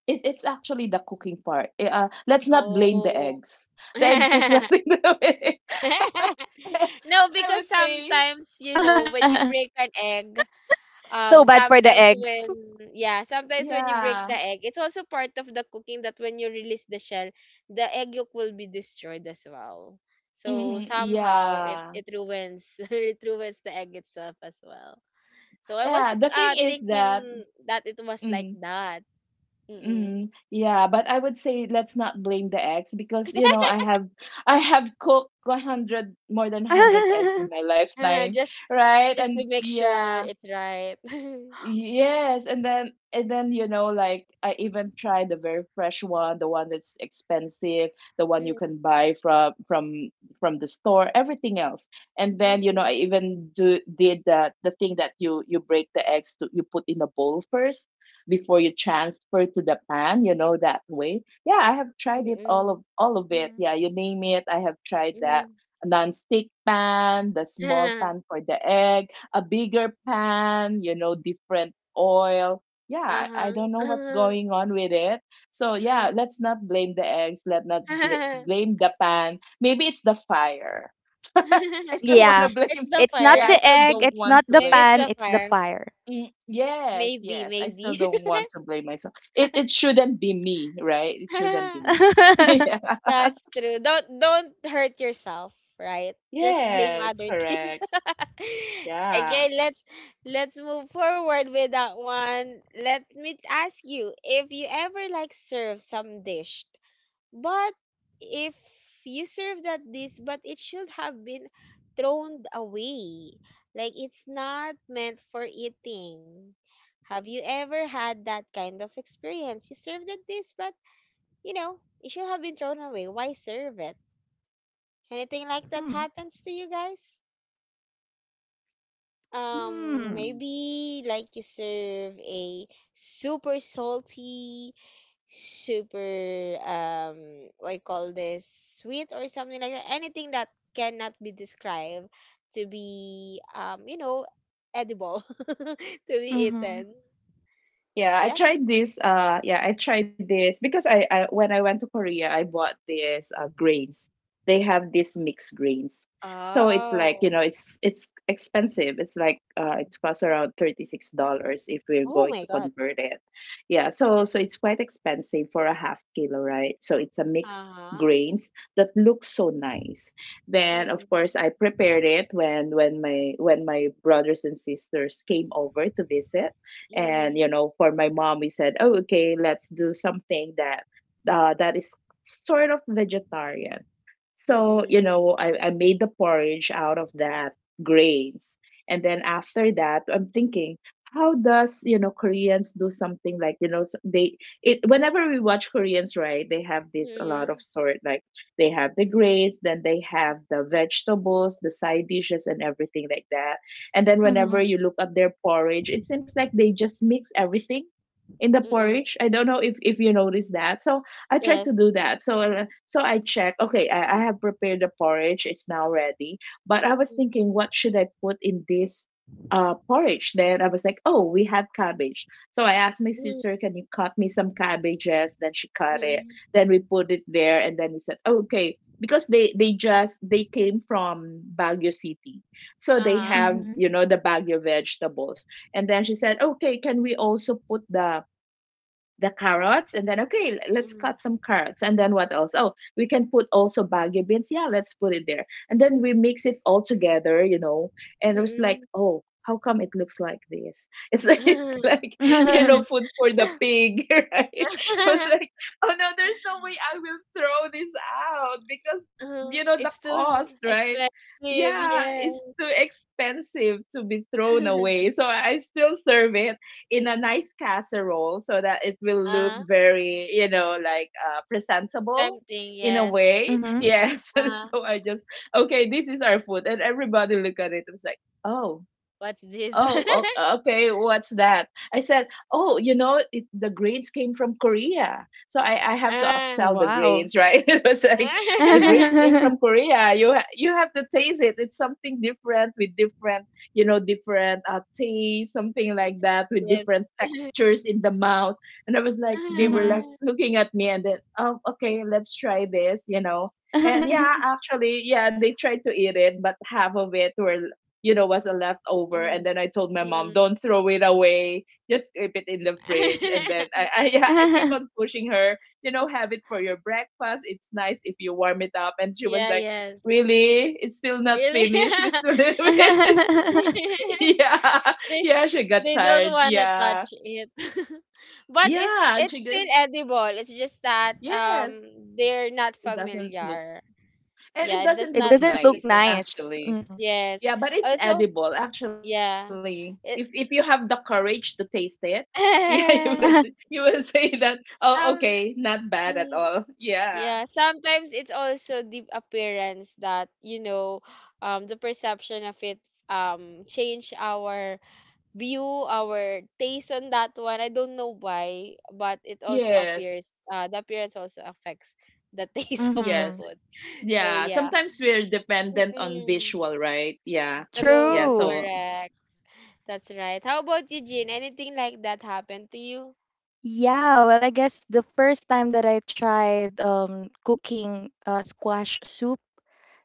S3: it's actually the cooking part. Let's not blame the
S1: Oh.
S3: eggs. The eggs has nothing to do with it. And
S1: No,
S3: I
S1: because
S3: would say,
S1: sometimes, you know, when you break an egg,
S2: So bad for the eggs.
S1: sometimes when yeah sometimes when you break
S3: yeah,
S1: the egg, it's also part of the cooking that when you release the shell, the egg yolk will be destroyed as well. So
S3: mm,
S1: somehow it
S3: yeah,
S1: it ruins it ruins the egg itself as well. So I was
S3: yeah. The thing is
S1: thinking
S3: that,
S1: that it was like
S3: mm,
S1: that. Mm-mm.
S3: mm, yeah. But I would say let's not blame the eggs because I have cooked 100 more than 100 eggs in my lifetime,
S1: just
S3: right?
S1: just
S3: And
S1: to make sure
S3: yeah,
S1: it's right.
S3: yes, and then you know, like I even tried the very fresh one, the one that's expensive, the one you
S1: Mm,
S3: can buy from the store, everything else. And then you know
S1: mm,
S3: I even do did that, the thing that you break the eggs to, you put in a bowl first before you transfer to the pan, you know, that way. Yeah, I have tried it, all
S1: mm,
S3: of it.
S2: Mm-hmm.
S3: Yeah, you name it, I have tried that.
S1: mm,
S3: Non-stick pan, the small
S1: mm.
S3: pan for the egg, a bigger pan, you know, different oil. Yeah, I don't know what's
S1: Uh-huh.
S3: going on with it. So yeah, let's not blame the eggs. Let not
S1: Uh-huh.
S3: blame the pan. Maybe it's the fire. I still want to
S2: Yeah.
S1: It's
S3: blame it.
S1: the
S2: It's not
S3: Yeah,
S1: fire.
S2: the
S3: I still
S2: egg,
S3: don't
S2: it's not
S3: want to
S2: the
S1: Maybe
S3: blame.
S1: it's
S2: pan,
S1: the
S2: it's the
S1: fire.
S2: fire.
S3: Mm, yes,
S1: Maybe,
S3: yes. I still
S1: maybe.
S3: don't want to blame myself. It shouldn't be me, right? It shouldn't be me.
S2: Hmm.
S3: Yeah.
S1: That's true. Don't hurt yourself, right? Just blame
S3: Yes,
S1: other things.
S3: correct. Yeah.
S1: Okay, let's move forward with that one. Let me ask you if you ever like serve some dish. But If you served at this, but it should have been thrown away. Like it's not meant for eating. Have you ever had that kind of experience? You served at this, but you know, it should have been thrown away. Why serve it? Anything like that happens to you guys?
S2: Hmm.
S3: Hmm.
S1: Maybe like you serve a super salty, super what you call this sweet or something like that, anything that cannot be described to be you know edible to be
S2: Mm-hmm.
S1: eaten.
S3: Yeah,
S1: Yeah.
S3: I tried this. Yeah, I tried this because I when I went to Korea, I bought this grains. They have these mixed grains, so it's like, you
S1: Oh,
S3: know, it's expensive. It's like it costs around $36 if we're
S1: oh
S3: going to
S1: my god,
S3: convert it. Yeah, so so it's quite expensive for a half kilo, right? So it's a mixed
S1: uh-huh,
S3: grains that looks so nice. Then of course I
S1: mm,
S3: prepared it when my brothers and sisters came over to visit, and
S1: mm,
S3: you know, for my mom, we said, oh, okay, let's do something that that is sort of vegetarian. So you
S1: mm,
S3: know, I made the porridge out of that grains. And then after that, I'm thinking, how does, you know, Koreans do something, like, you know, they, it, whenever we watch Koreans, right, they have this a lot of sort, like they have the grains, then they have the vegetables, the side dishes, and everything like that. And then whenever
S1: mm,
S3: you
S2: Mm-hmm.
S3: look at their porridge, it seems like they just mix everything in the
S1: mm,
S3: porridge. I don't know if you notice that. So I tried to
S1: yes,
S3: do that. So so I check. Okay, I have prepared the porridge. It's now ready. But I was
S1: mm,
S3: thinking, what should I put in this porridge? Then I was like, oh, we have cabbage. So I asked my
S1: mm,
S3: sister, can you cut me some cabbages? Then she cut it.
S1: mm,
S3: Then we put it there, and then we said, okay, because they came from Baguio City. So they
S1: uh-huh,
S3: have, you know, the bag of vegetables. And then she said, okay, can we also put the carrots? And then, okay, let's
S1: mm,
S3: cut some carrots. And then what else? Oh, we can put also baggy beans. Yeah, let's put it there. And then we mix it all together, you know, and it was like,
S1: mm,
S3: oh, how come it looks like this? It's like,
S1: mm.
S3: you know,
S2: Mm-hmm.
S3: food for the pig. Right? It was like, oh no, there's no way I will throw this out because
S1: Uh-huh.
S3: you know the
S1: It's too s-
S3: cost, right?
S1: expensive,
S3: Yeah,
S1: yes.
S3: it's too expensive to be thrown away, so I still serve it in a nice casserole so that it will look
S1: Uh,
S3: very, you know, like presentable
S1: tempting,
S3: in a
S1: yes.
S3: way.
S2: Mm-hmm.
S3: Yes.
S1: Uh,
S3: So I just, okay, this is our food. And everybody look at it. It was like, oh,
S1: what's this?
S3: oh, okay. What's that? I said, oh, you know, it, the grades came from Korea. So I have to
S1: Uh,
S3: upsell the
S2: Wow.
S3: grades, right? It was like, the grades came from Korea. You, you have to taste it. It's something different with different, you know, different taste, something like that, with
S1: yes.
S3: different textures in the mouth. And I was like, they were
S2: Mm-hmm.
S3: like looking at me, and then, oh, okay, let's try this, you know. And
S1: Mm,
S3: yeah, actually, yeah, they tried to eat it, but half of it were, you know, was a leftover. And
S1: mm,
S3: then I told my mom,
S1: mm.
S3: don't throw it away, just keep it in the fridge. And then yeah, I keep on pushing her, you know, have it for your breakfast. It's nice if you warm it up. And she was
S1: Yeah,
S3: like,
S1: yes.
S3: really? It's still not
S1: Really?
S3: finished. We still didn't yeah,
S1: They
S3: yeah. She got
S1: they
S3: tired.
S1: don't wanna
S3: Yeah,
S1: touch it. But
S3: yeah. And
S1: it's
S3: she did.
S1: still edible. It's just that
S3: Yes,
S1: they're not
S3: it doesn't look,
S1: familiar.
S3: and it
S1: Yeah, it does
S3: doesn't look
S1: not
S2: It
S1: look
S2: doesn't
S1: the
S3: nice,
S2: look
S1: same.
S2: nice.
S3: actually.
S2: Mm-hmm.
S1: Yes.
S3: Yeah, but it's
S1: Also,
S3: edible, actually.
S1: yeah.
S3: If you have
S1: It,
S3: the courage to taste it, yeah, you will, you will say that, oh, okay,
S1: some
S3: not bad at all.
S1: mm,
S3: Yeah.
S1: yeah, sometimes it's also the appearance that, you know, the perception of it change our view, our taste on that one. I don't know why, but it also
S3: Yes.
S1: appears the appearance also affects the taste of the
S2: Mm-hmm.
S3: Yes.
S1: food. So
S3: Yeah.
S1: yeah.
S3: Sometimes we're dependent on
S1: Mm-mm.
S3: visual, right? Yeah. Yeah.
S1: True,
S2: True.
S3: So
S1: correct. That's right. How about you, Jean? Anything like that happened to you?
S2: Yeah, well, I guess the first time that I tried cooking squash soup,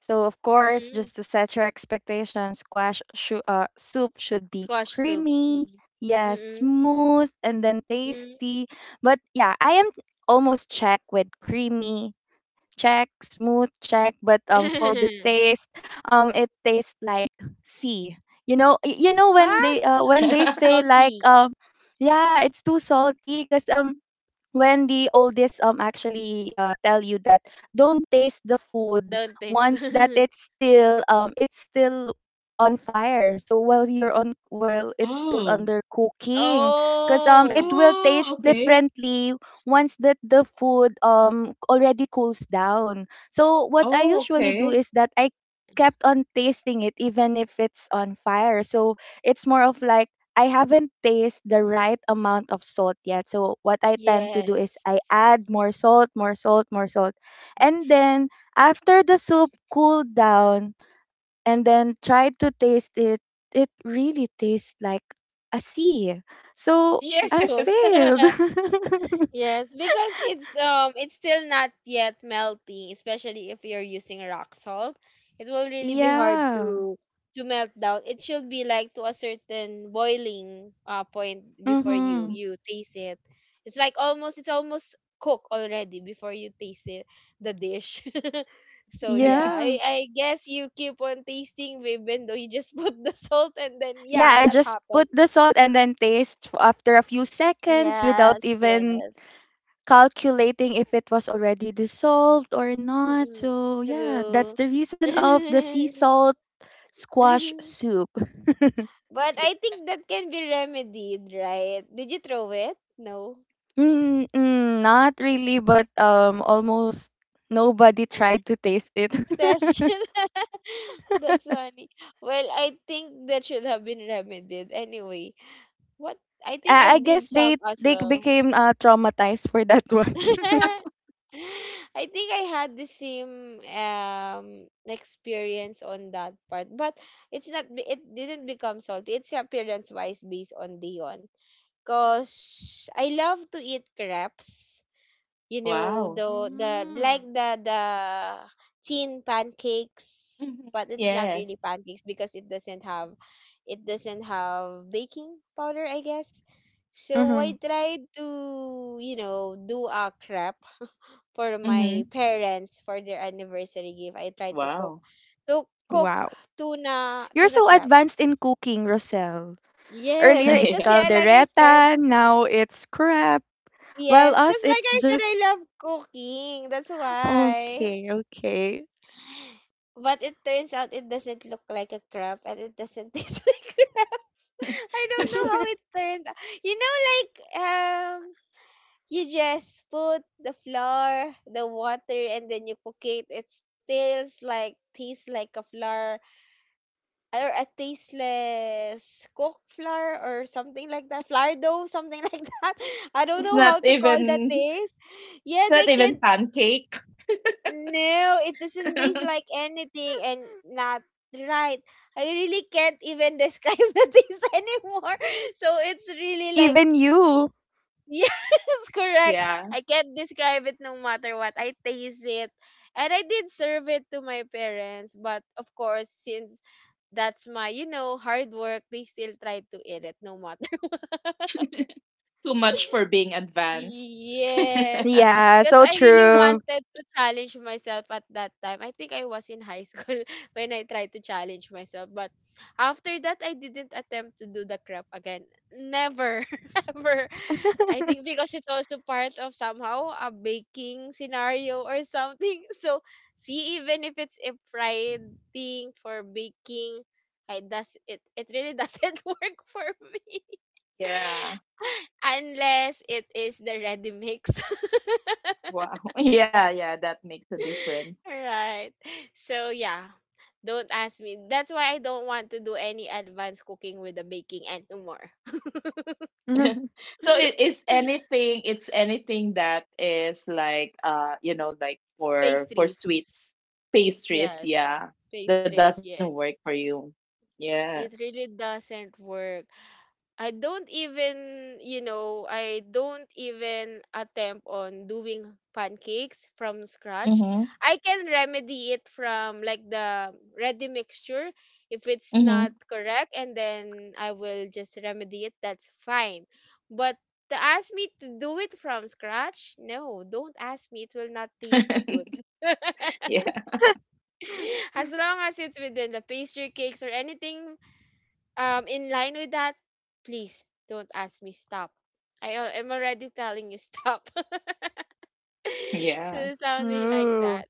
S2: so of course,
S1: Mm,
S2: just to set your expectations, squash soup should be
S1: squash soup.
S2: creamy,
S1: Mm.
S2: yeah,
S1: Mm-mm.
S2: smooth, and then
S1: Mm.
S2: tasty. But yeah, I am almost check with creamy check, smooth check, but for the taste, it tastes like sea. You know, you know
S1: What?
S2: when they say like
S1: Salty.
S2: yeah, it's too salty because when the oldest actually tell you that don't taste the food
S1: Don't taste.
S2: once that it's still on fire, so while you're on while it's still
S3: oh.
S2: under cooking because it
S1: Oh,
S2: will taste
S3: Oh, okay.
S2: differently once that the food already cools down. So what I
S3: Oh,
S2: usually do
S3: okay.
S2: is that I kept on tasting it even if it's on fire, so it's more of like I haven't tasted the right amount of salt yet. So what I tend to do is
S1: yes.
S2: I add more salt, more salt, more salt. And then after the soup cooled down and then tried to taste it, it really tastes like a sea. So
S1: Sea
S2: I
S1: salt.
S3: Yes.
S2: failed.
S1: Yes, because it's it's still not yet melting, especially if you're using rock salt. It will really be hard
S2: Yeah.
S1: to melt down. It should be like to a certain boiling point before you
S2: Mhm.
S1: you taste it. It's like almost cooked already before you taste it the dish. So yeah, I
S2: Yeah.
S1: I guess you keep on tasting even though you just put the salt, and then
S2: Yeah,
S1: yeah,
S2: I
S1: that
S2: just put
S1: happened.
S2: the salt and then after a few seconds without
S1: Yes,
S2: even
S1: yes.
S2: calculating if it was already dissolved or not.
S1: Mm,
S2: So yeah, that's
S1: true.
S2: the reason of the sea salt squash soup.
S1: But I
S3: Yeah.
S1: think that can be remedied, right? Did you throw it? No.
S2: Mm, mm, not really, but almost nobody tried to taste it.
S1: That's just that's funny. Well, I think that should have been remedied anyway. What? I think I
S2: I
S1: did
S2: guess
S1: some as
S2: they
S1: well.
S2: became traumatized for that one.
S1: I think I had the same experience on that part, but it's not be- it didn't become salty. It's appearance wise based on Dion, because I love to eat crepes. You know,
S3: Wow.
S1: the
S2: Mm-hmm.
S1: like the thin pancakes,
S3: Mhm.
S1: but it's not really
S3: Yes.
S1: pancakes because it doesn't have baking powder, I guess. So I
S2: Hmm.
S1: tried to, you know, do a crepe for my
S3: Mm-hmm.
S1: parents for their anniversary gift. I tried to cook
S3: Wow.
S1: to cook
S2: Wow.
S1: tuna
S2: You're
S1: tuna
S2: so
S1: crepes.
S2: advanced in cooking, Rosel.
S1: Yes,
S2: Earlier
S1: I
S2: it's
S1: cause yeah, like I said,
S2: caldereta, now it's crap. While
S1: yes, cause
S2: us,
S1: like
S2: it's
S1: I said, I
S2: just
S1: love cooking, that's why.
S2: okay, okay.
S1: But it turns out it doesn't look like a crab, and it doesn't taste like crab. I don't know
S3: Yeah.
S1: how it turned out. You know, like, um, you just put the flour, the water, and then you cook it. It tastes like a flour, or a tasteless cooked flour or something like that. Flour dough, something like that. I don't
S3: It's
S1: know
S2: Hmm.
S3: not
S1: how to call that
S3: even
S1: taste.
S3: it's
S1: Yes,
S3: not
S1: I
S3: even
S1: can't.
S3: pancake.
S1: No, it doesn't taste like anything, and not right. I really can't even describe the taste anymore. So it's really like
S2: Even you.
S1: yes, correct.
S3: Yeah.
S1: I can't describe it no matter what. I taste it. And I did serve it to my parents, but of course, since that's my, you know, hard work, they still try to eat it no matter.
S3: Too much for being advanced.
S1: Yes,
S2: Yeah,
S1: because
S2: so
S1: I really
S2: true.
S1: wanted to challenge myself at that time. I think I was in high school when I tried to challenge myself, but after that, I didn't attempt to do the crap again. Never, ever. I think because it's also part of somehow a baking scenario or something. So, see, even if it's a fried thing for baking, it really doesn't work for me
S3: Yeah.
S1: unless it is the ready mix.
S3: Wow. Yeah, yeah, that makes a difference.
S1: Right. So yeah, don't ask me. That's why I don't want to do any advanced cooking with the baking anymore.
S3: So it is anything, it's anything that is like you know, like for
S1: Pastries.
S3: sweets, pastries,
S1: Yes.
S3: yeah. That doesn't
S1: Pastries,
S3: work for
S1: yes.
S3: you. Yeah.
S1: It really doesn't work. I don't even, you know, I don't even attempt on doing pancakes from scratch.
S3: Mhm.
S1: I can remedy it from like the ready mixture if it's not
S3: Mhm.
S1: correct, and then I will just remedy it. That's fine. But to ask me to do it from scratch, no, don't ask me. It will not taste good.
S3: Yeah.
S1: As long as it's within the pastry cakes or anything in line with that, please don't ask me, stop. I am already telling you, stop.
S3: Yeah.
S1: So something like
S2: Ooh,
S1: that.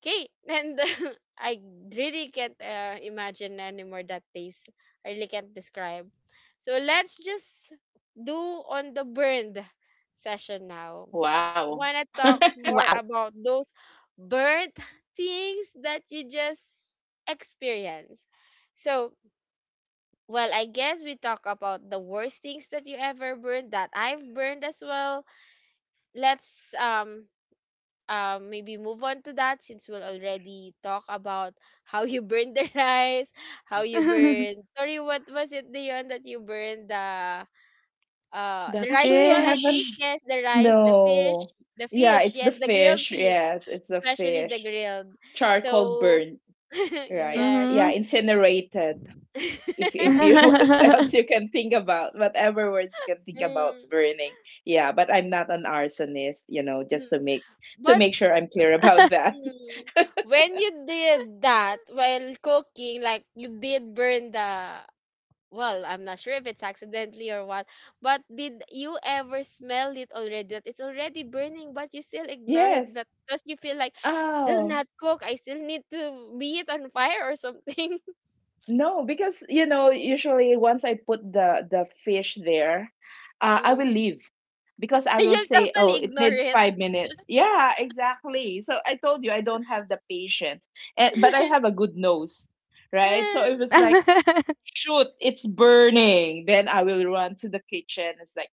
S1: Okay, and I really can't imagine anymore that taste. I really can't describe. So let's just do on the burned session now.
S3: Wow.
S1: Want to talk more
S2: wow.
S1: about those burnt things that you just experience. So well, I guess we talk about the worst things that you ever burned, that I've burned as well. Let's maybe move on to that, since we'll already talk about how you burned the rice, how you
S2: The
S1: burned, sorry, what was it, Dion, that you burned the rice as
S3: Actually, I
S1: well, I think.
S3: haven't.
S2: fish.
S1: Yes, the rice,
S3: No.
S1: the
S3: Yeah,
S1: fish,
S3: it's the
S1: yes, the grilled
S3: fish.
S1: fish,
S3: Yes, it's the
S1: especially the
S3: fish.
S1: grilled.
S3: Charcoal
S1: So
S3: burnt, right?
S1: yes.
S3: Yeah,
S2: Mm-hmm.
S3: incinerated. If you what else you can think about, whatever words you can think about
S1: Mm,
S3: burning. Yeah, but I'm not an arsonist, you know, just
S1: mm.
S3: to
S1: But
S3: make sure I'm clear about that.
S1: mm. When you did that while cooking, like you did burn the, well, I'm not sure if it's accidentally or what, but did you ever smell it already, that it's already burning, but you still ignore it but
S3: Yes.
S1: because you feel like still
S3: Oh.
S1: not cooked? I still need to be it on fire or something.
S3: No, because you know, usually once I put the fish there, I will
S1: Mm.
S3: leave because I will
S1: You'll
S3: say, "Oh,
S1: totally
S3: it
S1: ignore
S3: needs
S1: it.
S3: 5 minutes." Yeah, exactly. So I told you I don't have the patience, and, but I have a good nose, right? So it was like, "Shoot, it's burning!" Then I will run to the kitchen. It's like,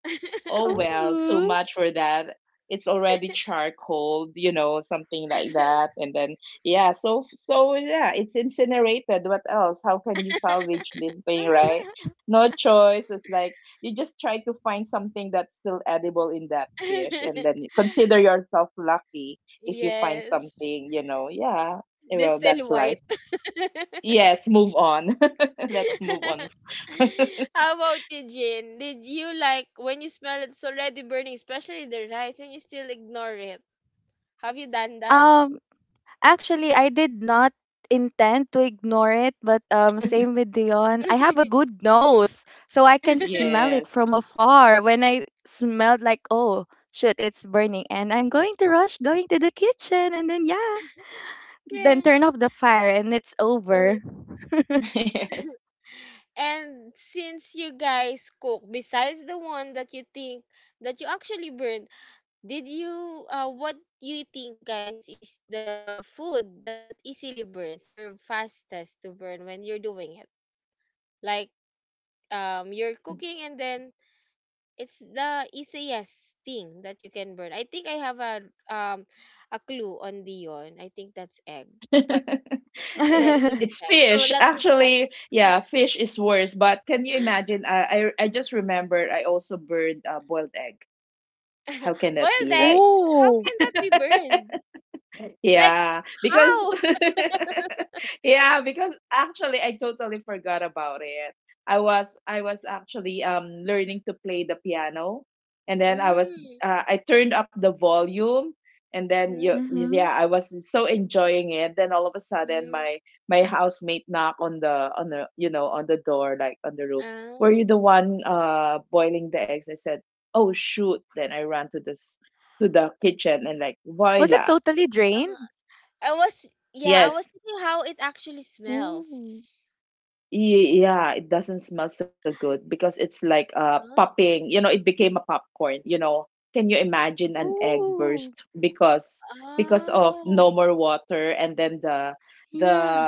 S3: oh well, too
S2: Ooh.
S3: much for that. It's already charcoal, you know, something like that. And then yeah, yeah, it's incinerated. What else? How can you salvage this thing, right? No choice. It's like you just try to find something that's still edible in that fish, and then you consider yourself lucky if you find
S1: Yes.
S3: something, you know. Yeah.
S1: They're
S3: Well,
S1: still
S3: that's life.
S1: white.
S3: Yes, move on. Let's move on.
S1: How about you, Jin? Did you like when you smell it's already burning, especially the rice, and you still ignore it? Have you done that?
S2: Um, actually, I did not intend to ignore it, but same with Dion. I have a good nose, so I can smell it
S3: Yes.
S2: from afar. When I smelled like, oh, shoot, it's burning, and I'm going to rush, going to the kitchen, and then yeah,
S1: Yeah.
S2: then turn off the fire, and it's
S1: Uh.
S2: over.
S3: Yes.
S1: And since you guys cook, besides the one that you think that you actually burned, did you what you think guys is the food that easily burns or fastest to burn when you're doing it? Like you're cooking and then it's the easiest thing that you can burn. I think I have a clue on Dion. I think that's egg. But let me check.
S3: It's
S1: So let
S3: fish.
S1: me check.
S3: Actually, yeah, fish is worse. But can you imagine? I just remembered I also burned a boiled egg. How can that
S1: Boiled
S3: be,
S1: egg?
S3: right?
S1: How can
S2: Ooh.
S1: that be burned? Like
S3: Yeah,
S1: how?
S3: because yeah, because actually I totally forgot about it. I was actually learning to play the piano. And then I was
S1: Mm,
S3: I turned up the volume. And then you,
S1: mm,
S2: Hmm.
S3: yeah, I was so enjoying it. Then all of a sudden
S1: mm.
S3: my housemate knock on the, you know, on the door, like on the room.
S1: Ah,
S3: Were you the one boiling the eggs? I said, "Oh shoot." Then I ran to this to the kitchen and like,
S2: Was it
S3: "Voila."
S2: totally
S1: ah.
S2: drained?
S1: I was, yeah, I was
S3: Yes.
S1: thinking how it actually
S2: Ooh.
S1: smells.
S3: Ye Yeah, it doesn't smell so good because it's like
S1: Huh?
S3: popping, you know, it became a popcorn, you know. Can you imagine an egg
S2: Ooh,
S3: burst because of
S1: Oh,
S3: no more water? And then the
S2: yeah.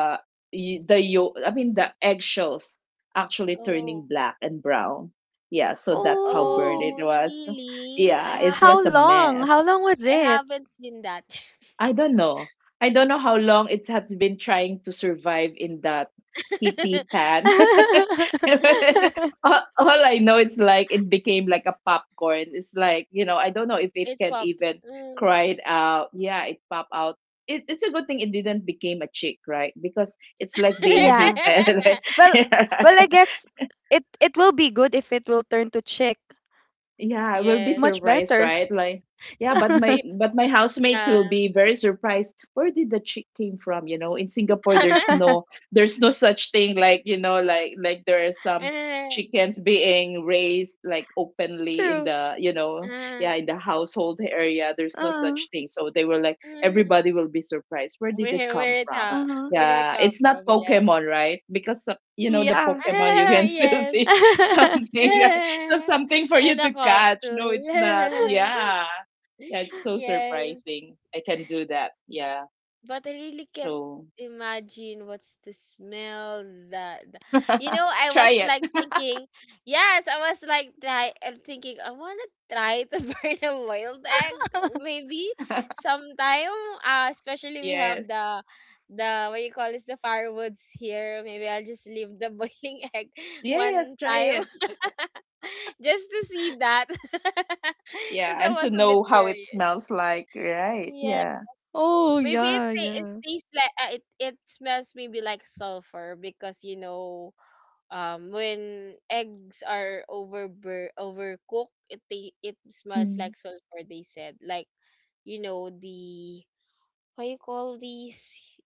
S3: y- the yo I mean the eggshells actually
S1: oh,
S3: turning black and brown. Yeah, so that's how burned
S2: Oh,
S3: it
S1: oh,
S3: was.
S1: really? I
S3: Yeah, it
S1: haven't.
S2: how
S3: was a
S2: long?
S3: mess.
S2: How long was
S1: I
S2: it?
S1: haven't seen that.
S3: I don't know. I don't know how long it has been trying to survive in that heaty pan. All I know is like it became like a popcorn. It's like, you know, I don't know if it
S1: It
S3: can even
S1: pops. Mm.
S3: cry it out. Yeah, it pop out. It's a good thing it didn't became a chick, right? Because it's like being
S2: Yeah.
S3: heated. Right?
S2: Well, well, I guess it it will be good if it will turn to chick.
S3: Yeah, I will be
S1: Yes.
S2: Much
S3: surprised,
S2: better.
S3: right? Like, yeah,
S1: Ye-
S3: but my housemates will
S1: Yeah.
S3: be very surprised. Where did the chick came from? You know, in Singapore, there's no such thing like like there are some
S1: Uh,
S3: chickens being raised like openly in
S2: True.
S3: the
S1: uh,
S3: yeah in the household area. There's no
S2: Uh,
S3: such thing. So they were like
S1: mm.
S3: everybody will be surprised. Where did it
S1: Where
S3: come
S1: it
S3: from?
S1: ha-
S2: uh-huh.
S1: where did it
S3: Yeah,
S1: come
S3: it's not
S1: from? Yes.
S3: Pokemon, right? Because you know the
S2: Yeah.
S3: Pokemon, you
S1: Ah,
S3: can still
S1: yes.
S3: see something. Right? That's something for you
S1: And a
S3: to catch. No, it's not.
S1: capsule.
S3: Yeah. Yeah, it's so
S1: Yes.
S3: surprising. I can do that. Yeah.
S1: But I really can't
S3: So
S1: imagine what's the smell that th- you know, I
S3: try
S1: was
S3: it.
S1: like thinking, yes, I was like try, I'm thinking I want to try to burn a boiled egg maybe sometime, especially we
S3: Yes.
S1: have the what you call this, the firewoods here, maybe I'll just leave the boiling egg
S3: Yes,
S1: one
S3: try
S1: time
S3: it.
S1: just to see that,
S3: Yeah.
S1: because I
S3: And
S1: was
S3: to
S1: a bit
S3: know how it
S1: curious.
S3: smells like. Right.
S1: Yeah.
S3: Yeah.
S2: Oh
S1: Maybe it,
S2: yeah,
S1: ta- it
S2: yeah.
S1: tastes like it it smells maybe like sulfur, because you know, when eggs are over overcooked, it ta- it smells
S3: Mm.
S1: like sulfur, they said, like you know the what you call these,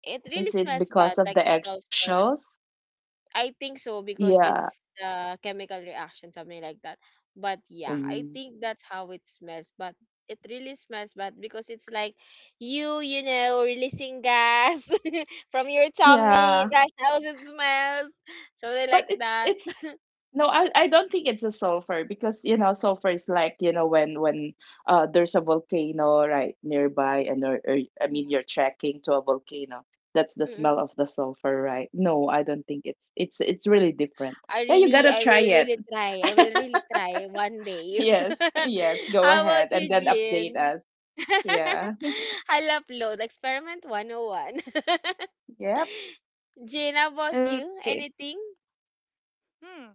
S1: it really
S3: Is it
S1: smells
S3: because
S1: bad,
S3: of
S1: like
S3: the
S1: the sulfur.
S3: eggshells?
S1: I think so, because
S3: Yeah.
S1: it's a chemical reaction, something like that. But yeah, I
S3: Mm.
S1: think that's how it smells. But it really smells bad, because it's like you know, releasing gas from your tummy.
S3: Yeah.
S1: That's how it smells. Something
S3: but
S1: like
S3: it,
S1: that.
S3: it's No, I don't think it's a sulfur because you know sulfur is like you know when there's a volcano right nearby and or I
S1: Mm,
S3: mean you're trekking to a volcano. That's the
S1: mm.
S3: smell of the sulfur, right? No, I don't think it's really different. Yeah, you gotta
S1: I will
S3: try it.
S1: really try. I will really try one day.
S3: Yes. Yes, go
S1: How
S3: ahead
S1: about you,
S3: and then update
S1: Jin?
S3: us. Yeah.
S1: I love load experiment 101.
S3: Yep.
S1: Jane, how about you?
S2: Okay.
S1: Anything?
S2: Hmm.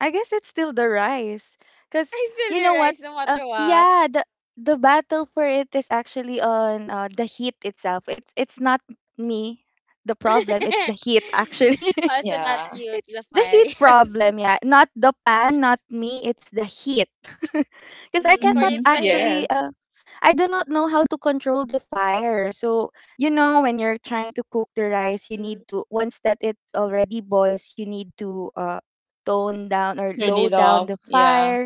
S2: I guess it's still the rice. Because,
S1: I still
S2: you
S1: the
S2: know what?
S1: rice no matter what.
S2: Yeah, the battle for it is actually on the heat itself. It's not me the problem, it's the heat
S3: Mm.
S2: actually.
S1: Also not
S3: Yeah.
S1: you, it's the
S2: It's the
S1: fire.
S2: heat
S1: Yes.
S2: problem, yeah. Not the pan, not me, it's the heat. Because I
S1: Mhm. For you,
S2: cannot
S3: Hmm.
S1: it's the heat.
S3: Yes.
S2: actually I do not know how to control the fire. So, you know, when you're trying to cook the rice, you
S1: Mm,
S2: need to, once that it already boils, you need to tone down or low
S3: Turn it
S2: down
S1: mm,
S2: the
S3: off,
S2: fire.
S3: yeah.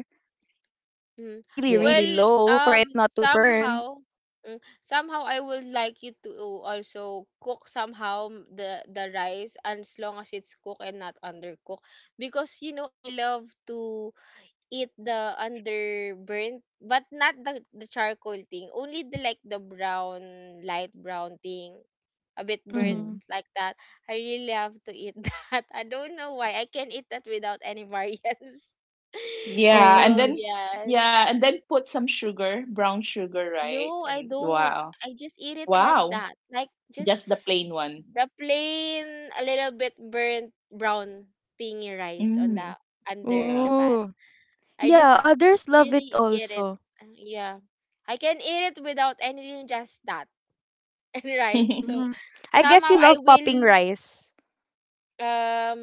S2: Yeah, as in
S1: mm.
S2: really, really
S1: Well,
S3: Yes.
S2: low for
S1: um,
S2: it not to burn.
S1: somehow, mm, somehow I would like you to also cook somehow m- the rice, and as long as it's cooked and not undercooked, because you know I love to eat the underburnt, but not the the charcoal thing. Only the like the brown, light brown thing, a bit burnt
S2: Mm-hmm.
S3: Mm-hmm.
S1: like that. I really love to eat that. I don't know why. I can eat that without any variants.
S3: Yeah, and
S1: So
S2: Oh.
S3: then yeah, and
S1: yes.
S3: then put some sugar, brown sugar, right?
S1: No, I
S3: And
S1: don't.
S3: wow.
S1: I just eat it like
S3: Wow.
S1: that. Like just
S3: Just the plain one.
S1: the plain, a little bit burnt brown thingy rice on the
S3: Mm,
S1: under
S3: yeah.
S1: the pan.
S2: Ooh.
S1: I
S2: Yeah,
S1: just
S2: others love it
S1: really eat it.
S2: also.
S1: Yeah. I can eat it without anything, just that, right? So
S2: Mm. I guess
S1: somehow
S2: you
S1: I
S2: love
S1: will
S2: popping rice.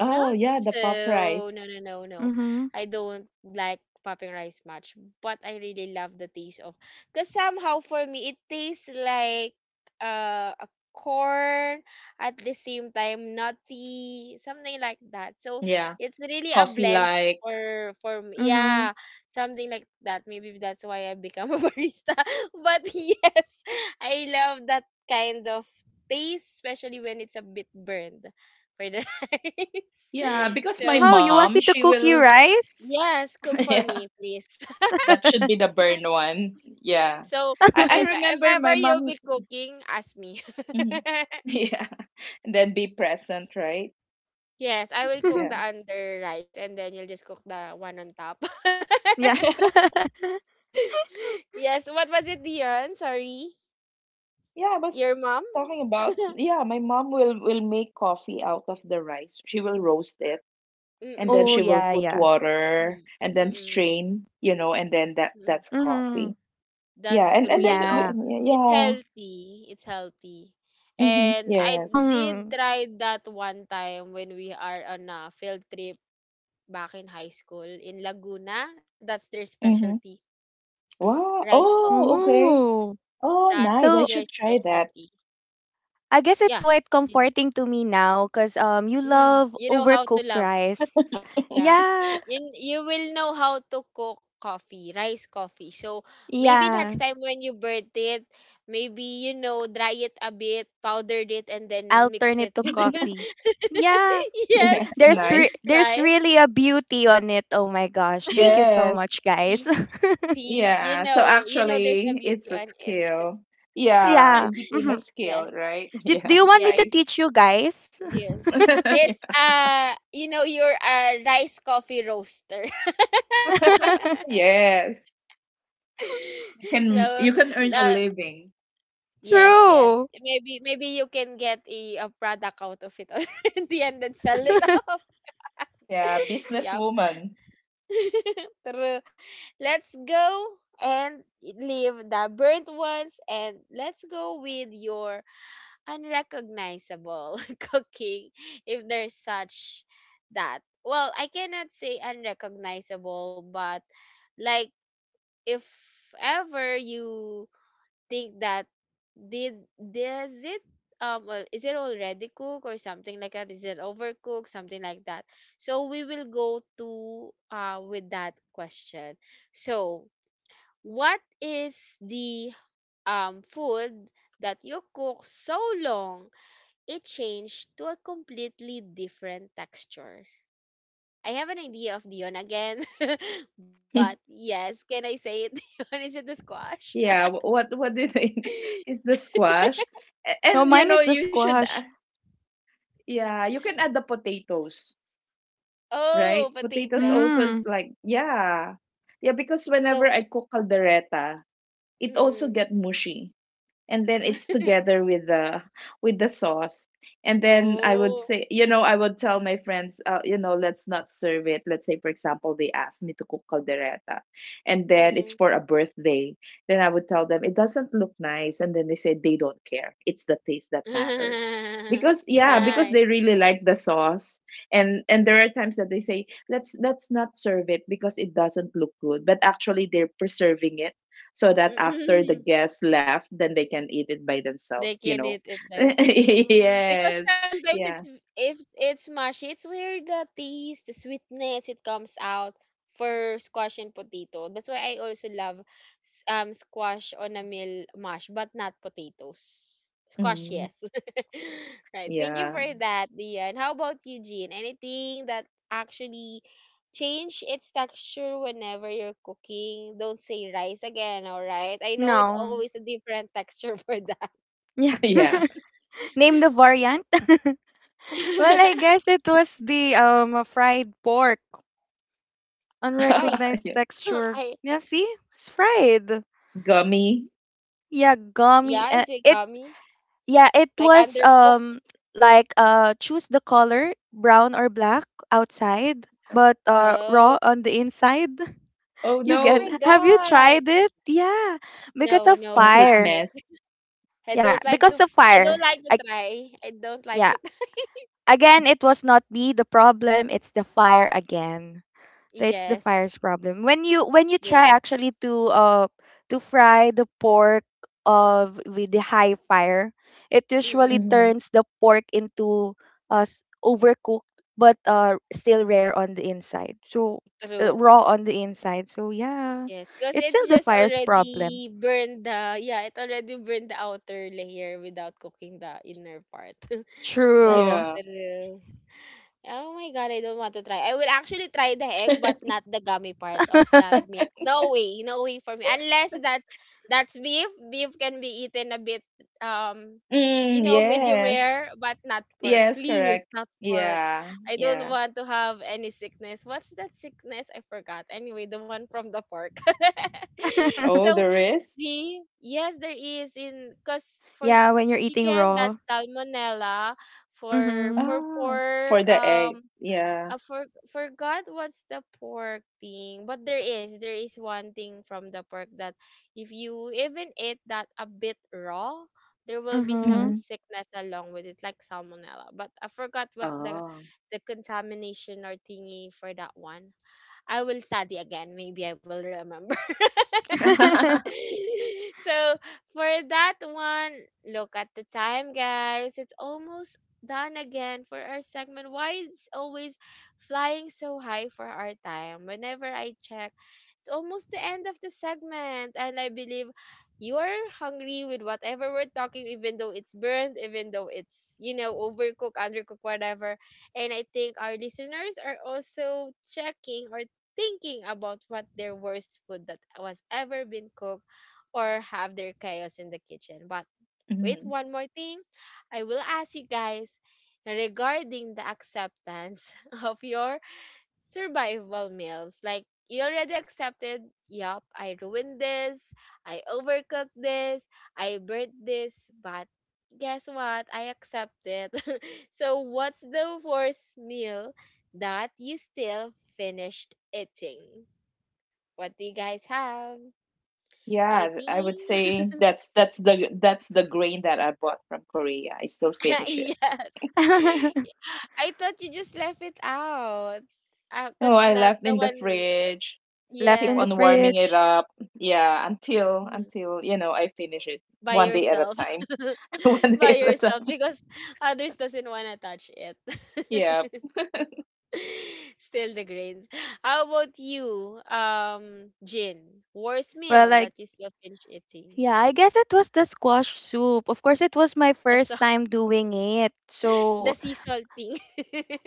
S3: Oh,
S1: not
S3: yeah, the pop
S1: so.
S3: rice.
S1: No, no, no, no.
S2: Mm-hmm.
S1: I don't like popping rice much, but I really love the taste of. Cause somehow for me it tastes like a corn, at the same time nutty, something like that, so
S3: Yeah.
S1: it's really a
S3: Coffee
S1: blend
S3: like.
S1: for me,
S2: Mm-hmm.
S1: yeah, something like that, maybe that's why I become a barista. But yes, I love that kind of taste, especially when it's a bit burned for the rice.
S3: Yeah, because my
S1: So
S2: Oh, you want
S3: mom,
S2: me to
S3: she
S2: cook you
S3: will
S2: rice?
S1: yes, cook for
S3: yeah,
S1: me, please.
S3: that should be the burn one. Yeah.
S1: So
S3: I
S1: if
S3: remember
S1: ever
S3: my
S1: you'll
S3: mom.
S1: be cooking, ask me.
S3: Mhm. Yeah. And then be present, right?
S1: Yes, I will cook
S3: Yeah.
S1: the under rice, and then you'll just cook the one on top.
S2: Yeah.
S1: Yes, what was it, Dion? Sorry,
S3: Yeah, I was
S1: your mom.
S3: talking about yeah, my mom will make coffee out of the rice. She will roast it and then
S2: Oh,
S3: she
S1: Mm-mm.
S3: will
S2: yeah,
S3: put
S2: yeah.
S3: water
S1: Mm-mm.
S3: and then
S1: Mm-mm.
S3: strain, you know, and then that
S1: Mm-hmm.
S3: that's
S2: Mm-hmm.
S3: coffee.
S1: That's
S3: Yeah,
S1: true.
S3: and and
S1: You
S3: then
S1: know,
S3: we,
S2: Yeah.
S3: yeah.
S1: it's
S3: Yeah,
S1: healthy. It's healthy.
S3: mm-hmm.
S1: And I
S3: Yes.
S1: did
S2: Mm.
S1: try that one time when we are on a field trip back in high school in Laguna. That's their
S3: Mm-hmm.
S1: specialty.
S3: Wow.
S1: Rice coffee.
S3: Oh, okay.
S2: Oh.
S3: Oh,
S1: That's
S3: nice. I
S2: So
S1: their
S3: should try that.
S1: specialty.
S2: I guess it's
S1: Yeah.
S2: quite
S1: Mm.
S2: comforting to me now because you
S1: Mm.
S2: love
S1: You know how to
S2: overcooked
S1: love.
S2: rice.
S1: Yeah.
S2: Yeah,
S1: And you will know how to cook coffee, rice coffee. So maybe next
S2: yeah.
S1: time when you burnt it, maybe you know, dry it a bit, powdered it, and then
S2: I'll
S1: mix
S2: turn
S1: it
S2: it to
S1: with the-
S2: coffee. Yeah,
S3: Yeah,
S1: Yes.
S2: there's
S3: nice.
S2: re- there's
S1: Right?
S2: really a beauty on it. Oh my gosh! Thank you so
S3: Yes.
S2: much, guys.
S1: See, see,
S3: Yeah. So
S1: you know there's a
S3: actually, it's
S1: beauty
S3: a
S1: on it.
S3: skill. Yeah,
S2: Yeah.
S3: it became a
S2: Hmm.
S1: Yes,
S3: skill, right?
S2: Do, do
S3: Yeah,
S2: you want me to
S1: yes,
S3: nice.
S2: teach you guys?
S1: yes. It's you know you're a rice coffee roaster.
S3: Yes. You
S1: so
S3: can you can
S1: uh,
S3: earn a living.
S1: Yes, yes.
S2: True.
S1: Maybe you can get a product out of it already and then sell it
S3: Yeah.
S1: off.
S3: Yeah,
S1: Yep.
S3: businesswoman.
S1: True. Let's go and leave the burnt ones and let's go with your unrecognizable cooking if there's such that. Well, I cannot say unrecognizable, but like if ever you think that did does it is it already cooked or something like that? Is it overcooked? Something like that. So we will go to with that question. So what is the food that you cook so long it changed to a completely different texture? I have an idea of Dion again, but yes, can I say it? Dion, is it the squash?
S3: Yeah, what do you think is the squash?
S2: No,
S3: And you
S2: mine
S3: know,
S2: is the
S3: you should
S2: squash.
S3: yeah, you can add the potatoes,
S1: Oh,
S3: right? Potatoes
S1: potatoes.
S3: also is
S2: Mm.
S3: like yeah. Yeah, because whenever
S1: So
S3: I cook caldereta, it also
S1: mm.
S3: get mushy. And then it's together with the sauce, and then I would
S1: Oh,
S3: say, you know, I would tell my friends, you know, let's not serve it. Let's say, for example, they asked me to cook caldereta and then
S1: mm.
S3: it's for a birthday, then I would tell them it doesn't look nice, and then they say they don't care, it's the taste that matter, because yeah,
S2: True.
S3: because
S1: Nice.
S3: they really like the sauce. And there
S1: Mm.
S3: are times that they say let's not serve it because it doesn't look good, but actually they're preserving it so that after the
S1: Mm.
S3: guests left, then they can eat it by themselves,
S1: They
S3: you
S1: can
S3: know.
S1: eat it themselves.
S2: Mm.
S1: Because
S3: Yes.
S1: sometimes it's
S3: Yeah.
S1: if it's mushy, it's where the taste, the sweetness, it comes out for squash and potato. That's why I also love squash on a meal mash, but not potatoes. Squash,
S3: Mm.
S1: yes. Right. Thank you for
S3: Yeah.
S1: that, Dian. How about you, Jean? Anything that actually change its texture whenever you're cooking? Don't say rice again, all right? I know it's
S2: No.
S1: always a different texture for that.
S2: Yeah.
S3: Yeah.
S2: Name the variant. Well, I guess it was the fried pork,
S1: Why?
S2: unrecognized
S3: Yeah.
S2: texture.
S1: I
S2: Yeah, see, it's fried.
S3: Gummy.
S2: Yeah, gummy.
S1: yeah,
S2: It
S1: izigami.
S2: yeah, it
S1: Like
S2: was
S1: undercooked.
S2: like choose the color brown or black outside, but
S1: Oh,
S2: raw on the inside.
S3: Oh
S2: You
S1: oh
S2: get?
S1: my
S3: no.
S2: Have you
S1: God.
S2: tried it? Yeah, because
S1: No,
S2: of
S1: no, I
S3: Complete
S2: fire.
S1: haven't.
S3: mess.
S1: I
S2: Yeah,
S1: don't like
S2: because
S1: to.
S2: of
S1: I don't
S2: fire.
S1: like to
S2: I
S1: try. I don't like
S2: yeah,
S1: to.
S2: again, it was not me the problem, it's the fire again. So it's the
S1: Yes,
S2: fire's problem. When you try
S1: yes.
S2: actually to to fry the pork of with the high fire, it usually
S1: Mm-mm,
S3: Mhm.
S2: turns the pork into overcooked but still rare on the inside. So
S1: true.
S2: raw on the inside. So yeah,
S1: Yes, because
S2: it's
S1: it's
S2: still the
S1: just
S2: fire's problem.
S1: already burned the yeah, it already burned the outer layer without cooking the inner part. That's
S2: True.
S3: Yeah.
S1: true. Oh my God, I don't want to try. I will actually try the egg, but not the gummy part of the meat. No way, no way for me. Unless that's that's beef. Beef can be eaten a bit, um, you
S3: Mm,
S1: know, medium
S3: yes.
S1: rare, but not pork.
S3: Yes,
S1: Please,
S3: correct.
S1: not pork.
S3: Yeah.
S1: I don't
S3: Yeah.
S1: want to have any sickness. What's that sickness? I forgot. Anyway, the one from the pork.
S3: Oh,
S1: So
S3: the wrist.
S1: see, yes, there is in because for
S2: Yeah, when you're eating
S1: chicken that's
S2: raw.
S1: salmonella for
S2: Mhm.
S3: Ah,
S1: pork
S3: for the egg. Yeah.
S1: I for, forgot what's the pork thing but there is one thing from the pork that if you even eat that a bit raw there will be some
S2: Mhm.
S3: Mm-hmm.
S1: sickness along with it like salmonella, but I forgot what's the
S3: Oh.
S1: contamination or thingy for that one. I will study again, maybe I will remember. So for that one, look at the time, guys. It's almost done again for our segment. Why it's always flying so high for our time? Whenever I check, it's almost the end of the segment, and I believe you're hungry with whatever we're talking, even though it's burned, even though it's overcooked, undercooked, whatever. And I think our listeners are also checking or thinking about what their worst food that was ever been cooked or have their chaos in the kitchen. But wait,
S3: Mhm.
S1: one more thing. I will ask you guys regarding the acceptance of your survival meals. Like, you already accepted, yup, I ruined this, I overcooked this, I burnt this, but guess what? I accept it. So, what's the worst meal that you still finished eating? What do you guys have?
S3: Yeah, I
S1: Anything?
S3: would say that's that's the grain that I bought from Korea. I still finish it.
S1: Yes. I thought you just left it out.
S3: No,
S1: Cause
S3: I
S1: not
S3: left
S1: no
S3: in the
S1: one.
S3: fridge,
S2: Left
S3: keep
S2: in the
S3: on
S1: Yes.
S3: warming it
S2: fridge.
S3: up. Yeah, until
S1: Mhm.
S3: until you know I finish it
S1: By
S3: one day at a
S1: yourself.
S3: time. One
S1: By
S3: day at a
S1: yourself
S3: time.
S1: because others doesn't wanna touch it.
S3: Yeah.
S1: Still the grains. How about you, Jin? Worst
S2: Well,
S1: meal
S2: like,
S1: that you still finish eating?
S2: yeah, I guess it was the squash soup. Of course, it was my
S1: That's
S2: first
S1: all.
S2: time doing it.
S1: The
S2: So,
S1: sea salt thing.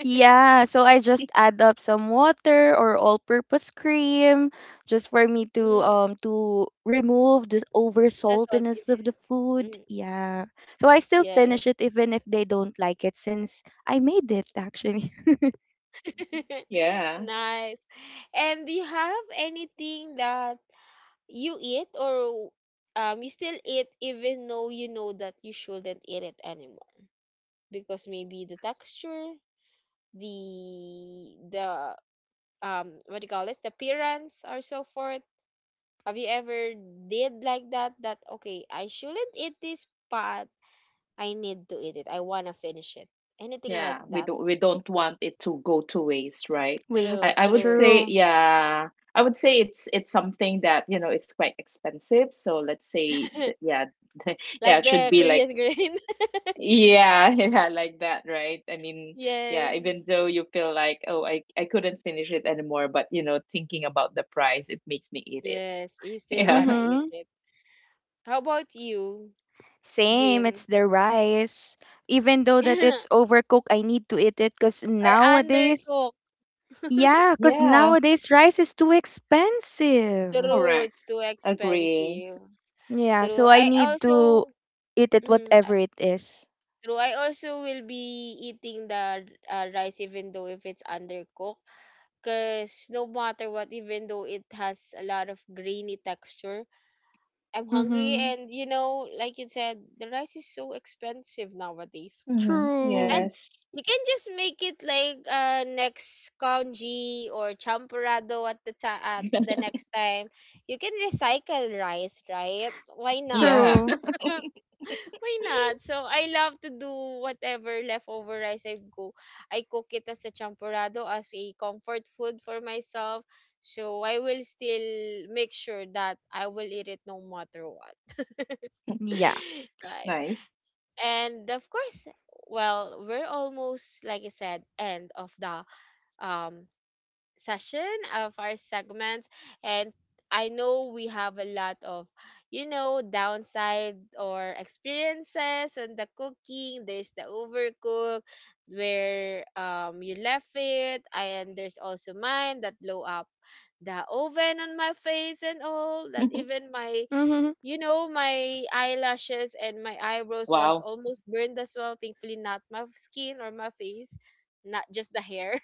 S2: yeah, so I just add up some water or all-purpose cream just for me to um to remove the over
S1: The
S2: saltiness
S1: saltiness.
S2: of the food.
S1: Mm,
S2: Yeah. So I still
S1: yes.
S2: finish it even if they don't like it since I made it actually.
S3: Yeah,
S1: Nice. And do you have anything that you eat or you still eat even though you know that you shouldn't eat it anymore? Because maybe the texture, the what do you call this? The appearance or so forth. Have you ever did like that? That okay, I shouldn't eat this, but I need to eat it. I wanna finish it. Anything
S3: yeah.
S1: like
S3: We
S1: that.
S3: don't we don't want it to go to waste, right?
S2: Waste.
S3: I,
S1: True,
S3: I would
S1: true.
S3: say,
S2: True.
S3: yeah, I would say it's something that, you know, it's quite expensive. So let's say that, yeah, yeah,
S1: Like
S3: it should
S1: the
S3: be
S1: Korean
S3: like
S1: grain.
S3: yeah, yeah, like that, right? I mean, yeah,
S1: Yes.
S3: even though you feel like, oh, I couldn't finish it anymore, but you know, thinking about the price, it makes me eat it.
S1: Yes, you still
S3: Yeah.
S1: wanna eat
S2: Mhm.
S1: it. How about you,
S2: Same, it's
S1: Jean?
S2: the rice. Even though
S1: Or
S2: that it's overcooked, I need to eat it because nowadays,
S1: undercooked?
S2: yeah, because
S3: Yeah,
S2: nowadays rice is too expensive.
S1: True,
S3: correct.
S1: it's too
S3: Agree.
S2: S-
S1: expensive.
S2: yeah,
S1: True.
S2: so I
S1: I
S2: need to
S1: also
S2: eat it
S1: mm,
S2: whatever it is.
S1: true. I also will be eating the rice even though if it's undercooked, cause no matter what, even though it has a lot of grainy texture, I'm hungry
S2: Mm-hmm.
S1: and you know, like you said, the rice is so expensive nowadays.
S3: Mm-hmm.
S1: And
S2: True.
S3: Yes.
S1: you can just make it like next congee or champurrado at the at the next time. You can recycle rice, right? Why not?
S3: Yeah.
S2: True.
S1: Why not? So I love to do whatever leftover rice I go. I cook it as a champurrado as a comfort food for myself. So I will still make sure that I will eat it no matter what.
S2: Yeah.
S1: Right,
S3: Nice.
S1: and of course, well, we're almost, like I said, end of the um session of our segments, and I know we have a lot of you know downside or experiences on the cooking. There's the overcook where you left it, and there's also mine that blow up the oven on my face and all that, even my
S2: Mm-hmm.
S1: you know, my eyelashes and my eyebrows was
S3: Wow.
S1: almost burned as well. Thankfully, not my skin or my face, not just the hair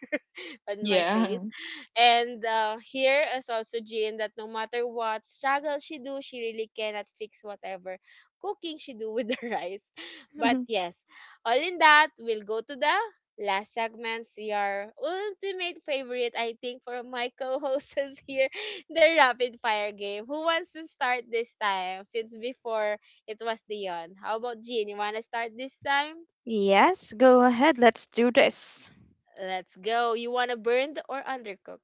S1: on my face.
S3: Yeah.
S1: And here is also Jean that no matter what struggle she do, she really cannot fix whatever cooking she do with the rice. But yes, all in that, we'll go to the last segment, your ultimate favorite, I think, for my co-hosts here, the rapid fire game. Who wants to start this time? Since before it was Dion. How about Jean? You wanna start this time?
S2: Yes, go ahead. Let's do this.
S1: Let's go. You wanna burned or undercook?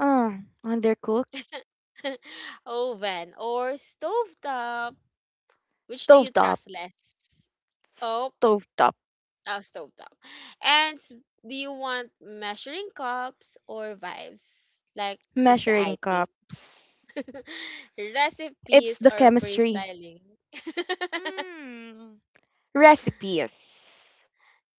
S2: Oh, undercooked.
S1: Oven or stovetop? Which do you
S2: Stovetop.
S1: trust less? Oh,
S2: Stovetop.
S1: oh stovetop. And do you want measuring cups or vibes? Like just the
S2: Measuring
S1: icing.
S2: cups. It's
S1: Recipes
S2: the
S1: or
S2: chemistry.
S1: freestyling?
S2: Mm. Recipes.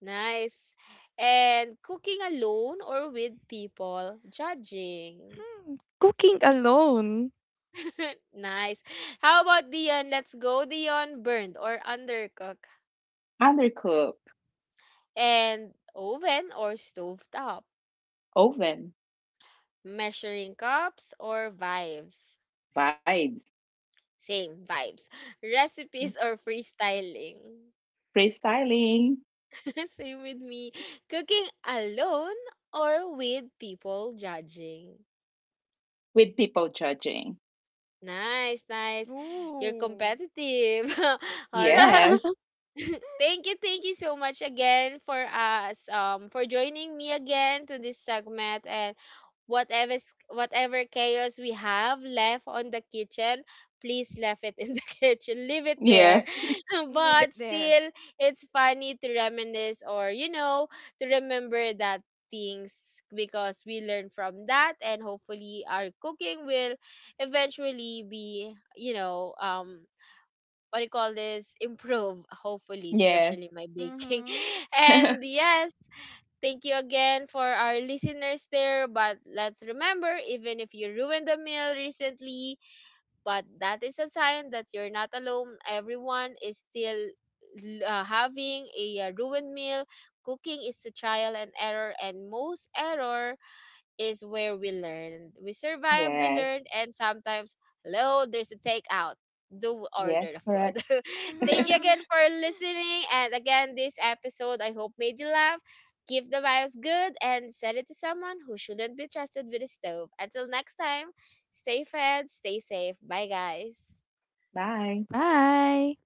S1: Nice. And cooking alone or with people? Judging.
S2: Hmm, cooking alone.
S1: Nice. How about Dion? Let's go, Dion. Burned or undercooked?
S3: Undercooked,
S1: And oven or stovetop,
S3: oven,
S1: measuring cups or vibes.
S3: vibes,
S1: Same vibes. Recipes or freestyling.
S3: freestyling
S1: Same with me. Cooking alone or with people judging.
S3: with people judging.
S1: Nice, nice. You're
S2: Ooh.
S1: competitive. All right.
S3: Yes.
S1: Thank you so much again for us for joining me again to this segment. And whatever chaos we have left on the kitchen, please left it in the kitchen. Leave it there.
S3: Yes.
S2: Leave
S1: But
S2: it there.
S1: still, it's funny to reminisce or you know to remember that things because we learn from that and hopefully our cooking will eventually be you know what do you call this, improve, hopefully,
S3: Yes.
S1: especially my baking.
S2: Mm-hmm.
S1: And yes, thank you again for our listeners there. But let's remember, even if you ruined the meal recently, but that is a sign that you're not alone. Everyone is still having a ruined meal. Cooking is a trial and error, and most error is where we learn. We survive, we
S3: Yes.
S1: learn, and sometimes, hello, there's a takeout. Do order
S3: Yes.
S1: the
S3: Correct.
S1: food. Thank you again for listening. And again, this episode I hope made you laugh. Give the vibes good and send it to someone who shouldn't be trusted with a stove. Until next time, stay fed, stay safe. Bye, guys.
S3: Bye.
S2: Bye.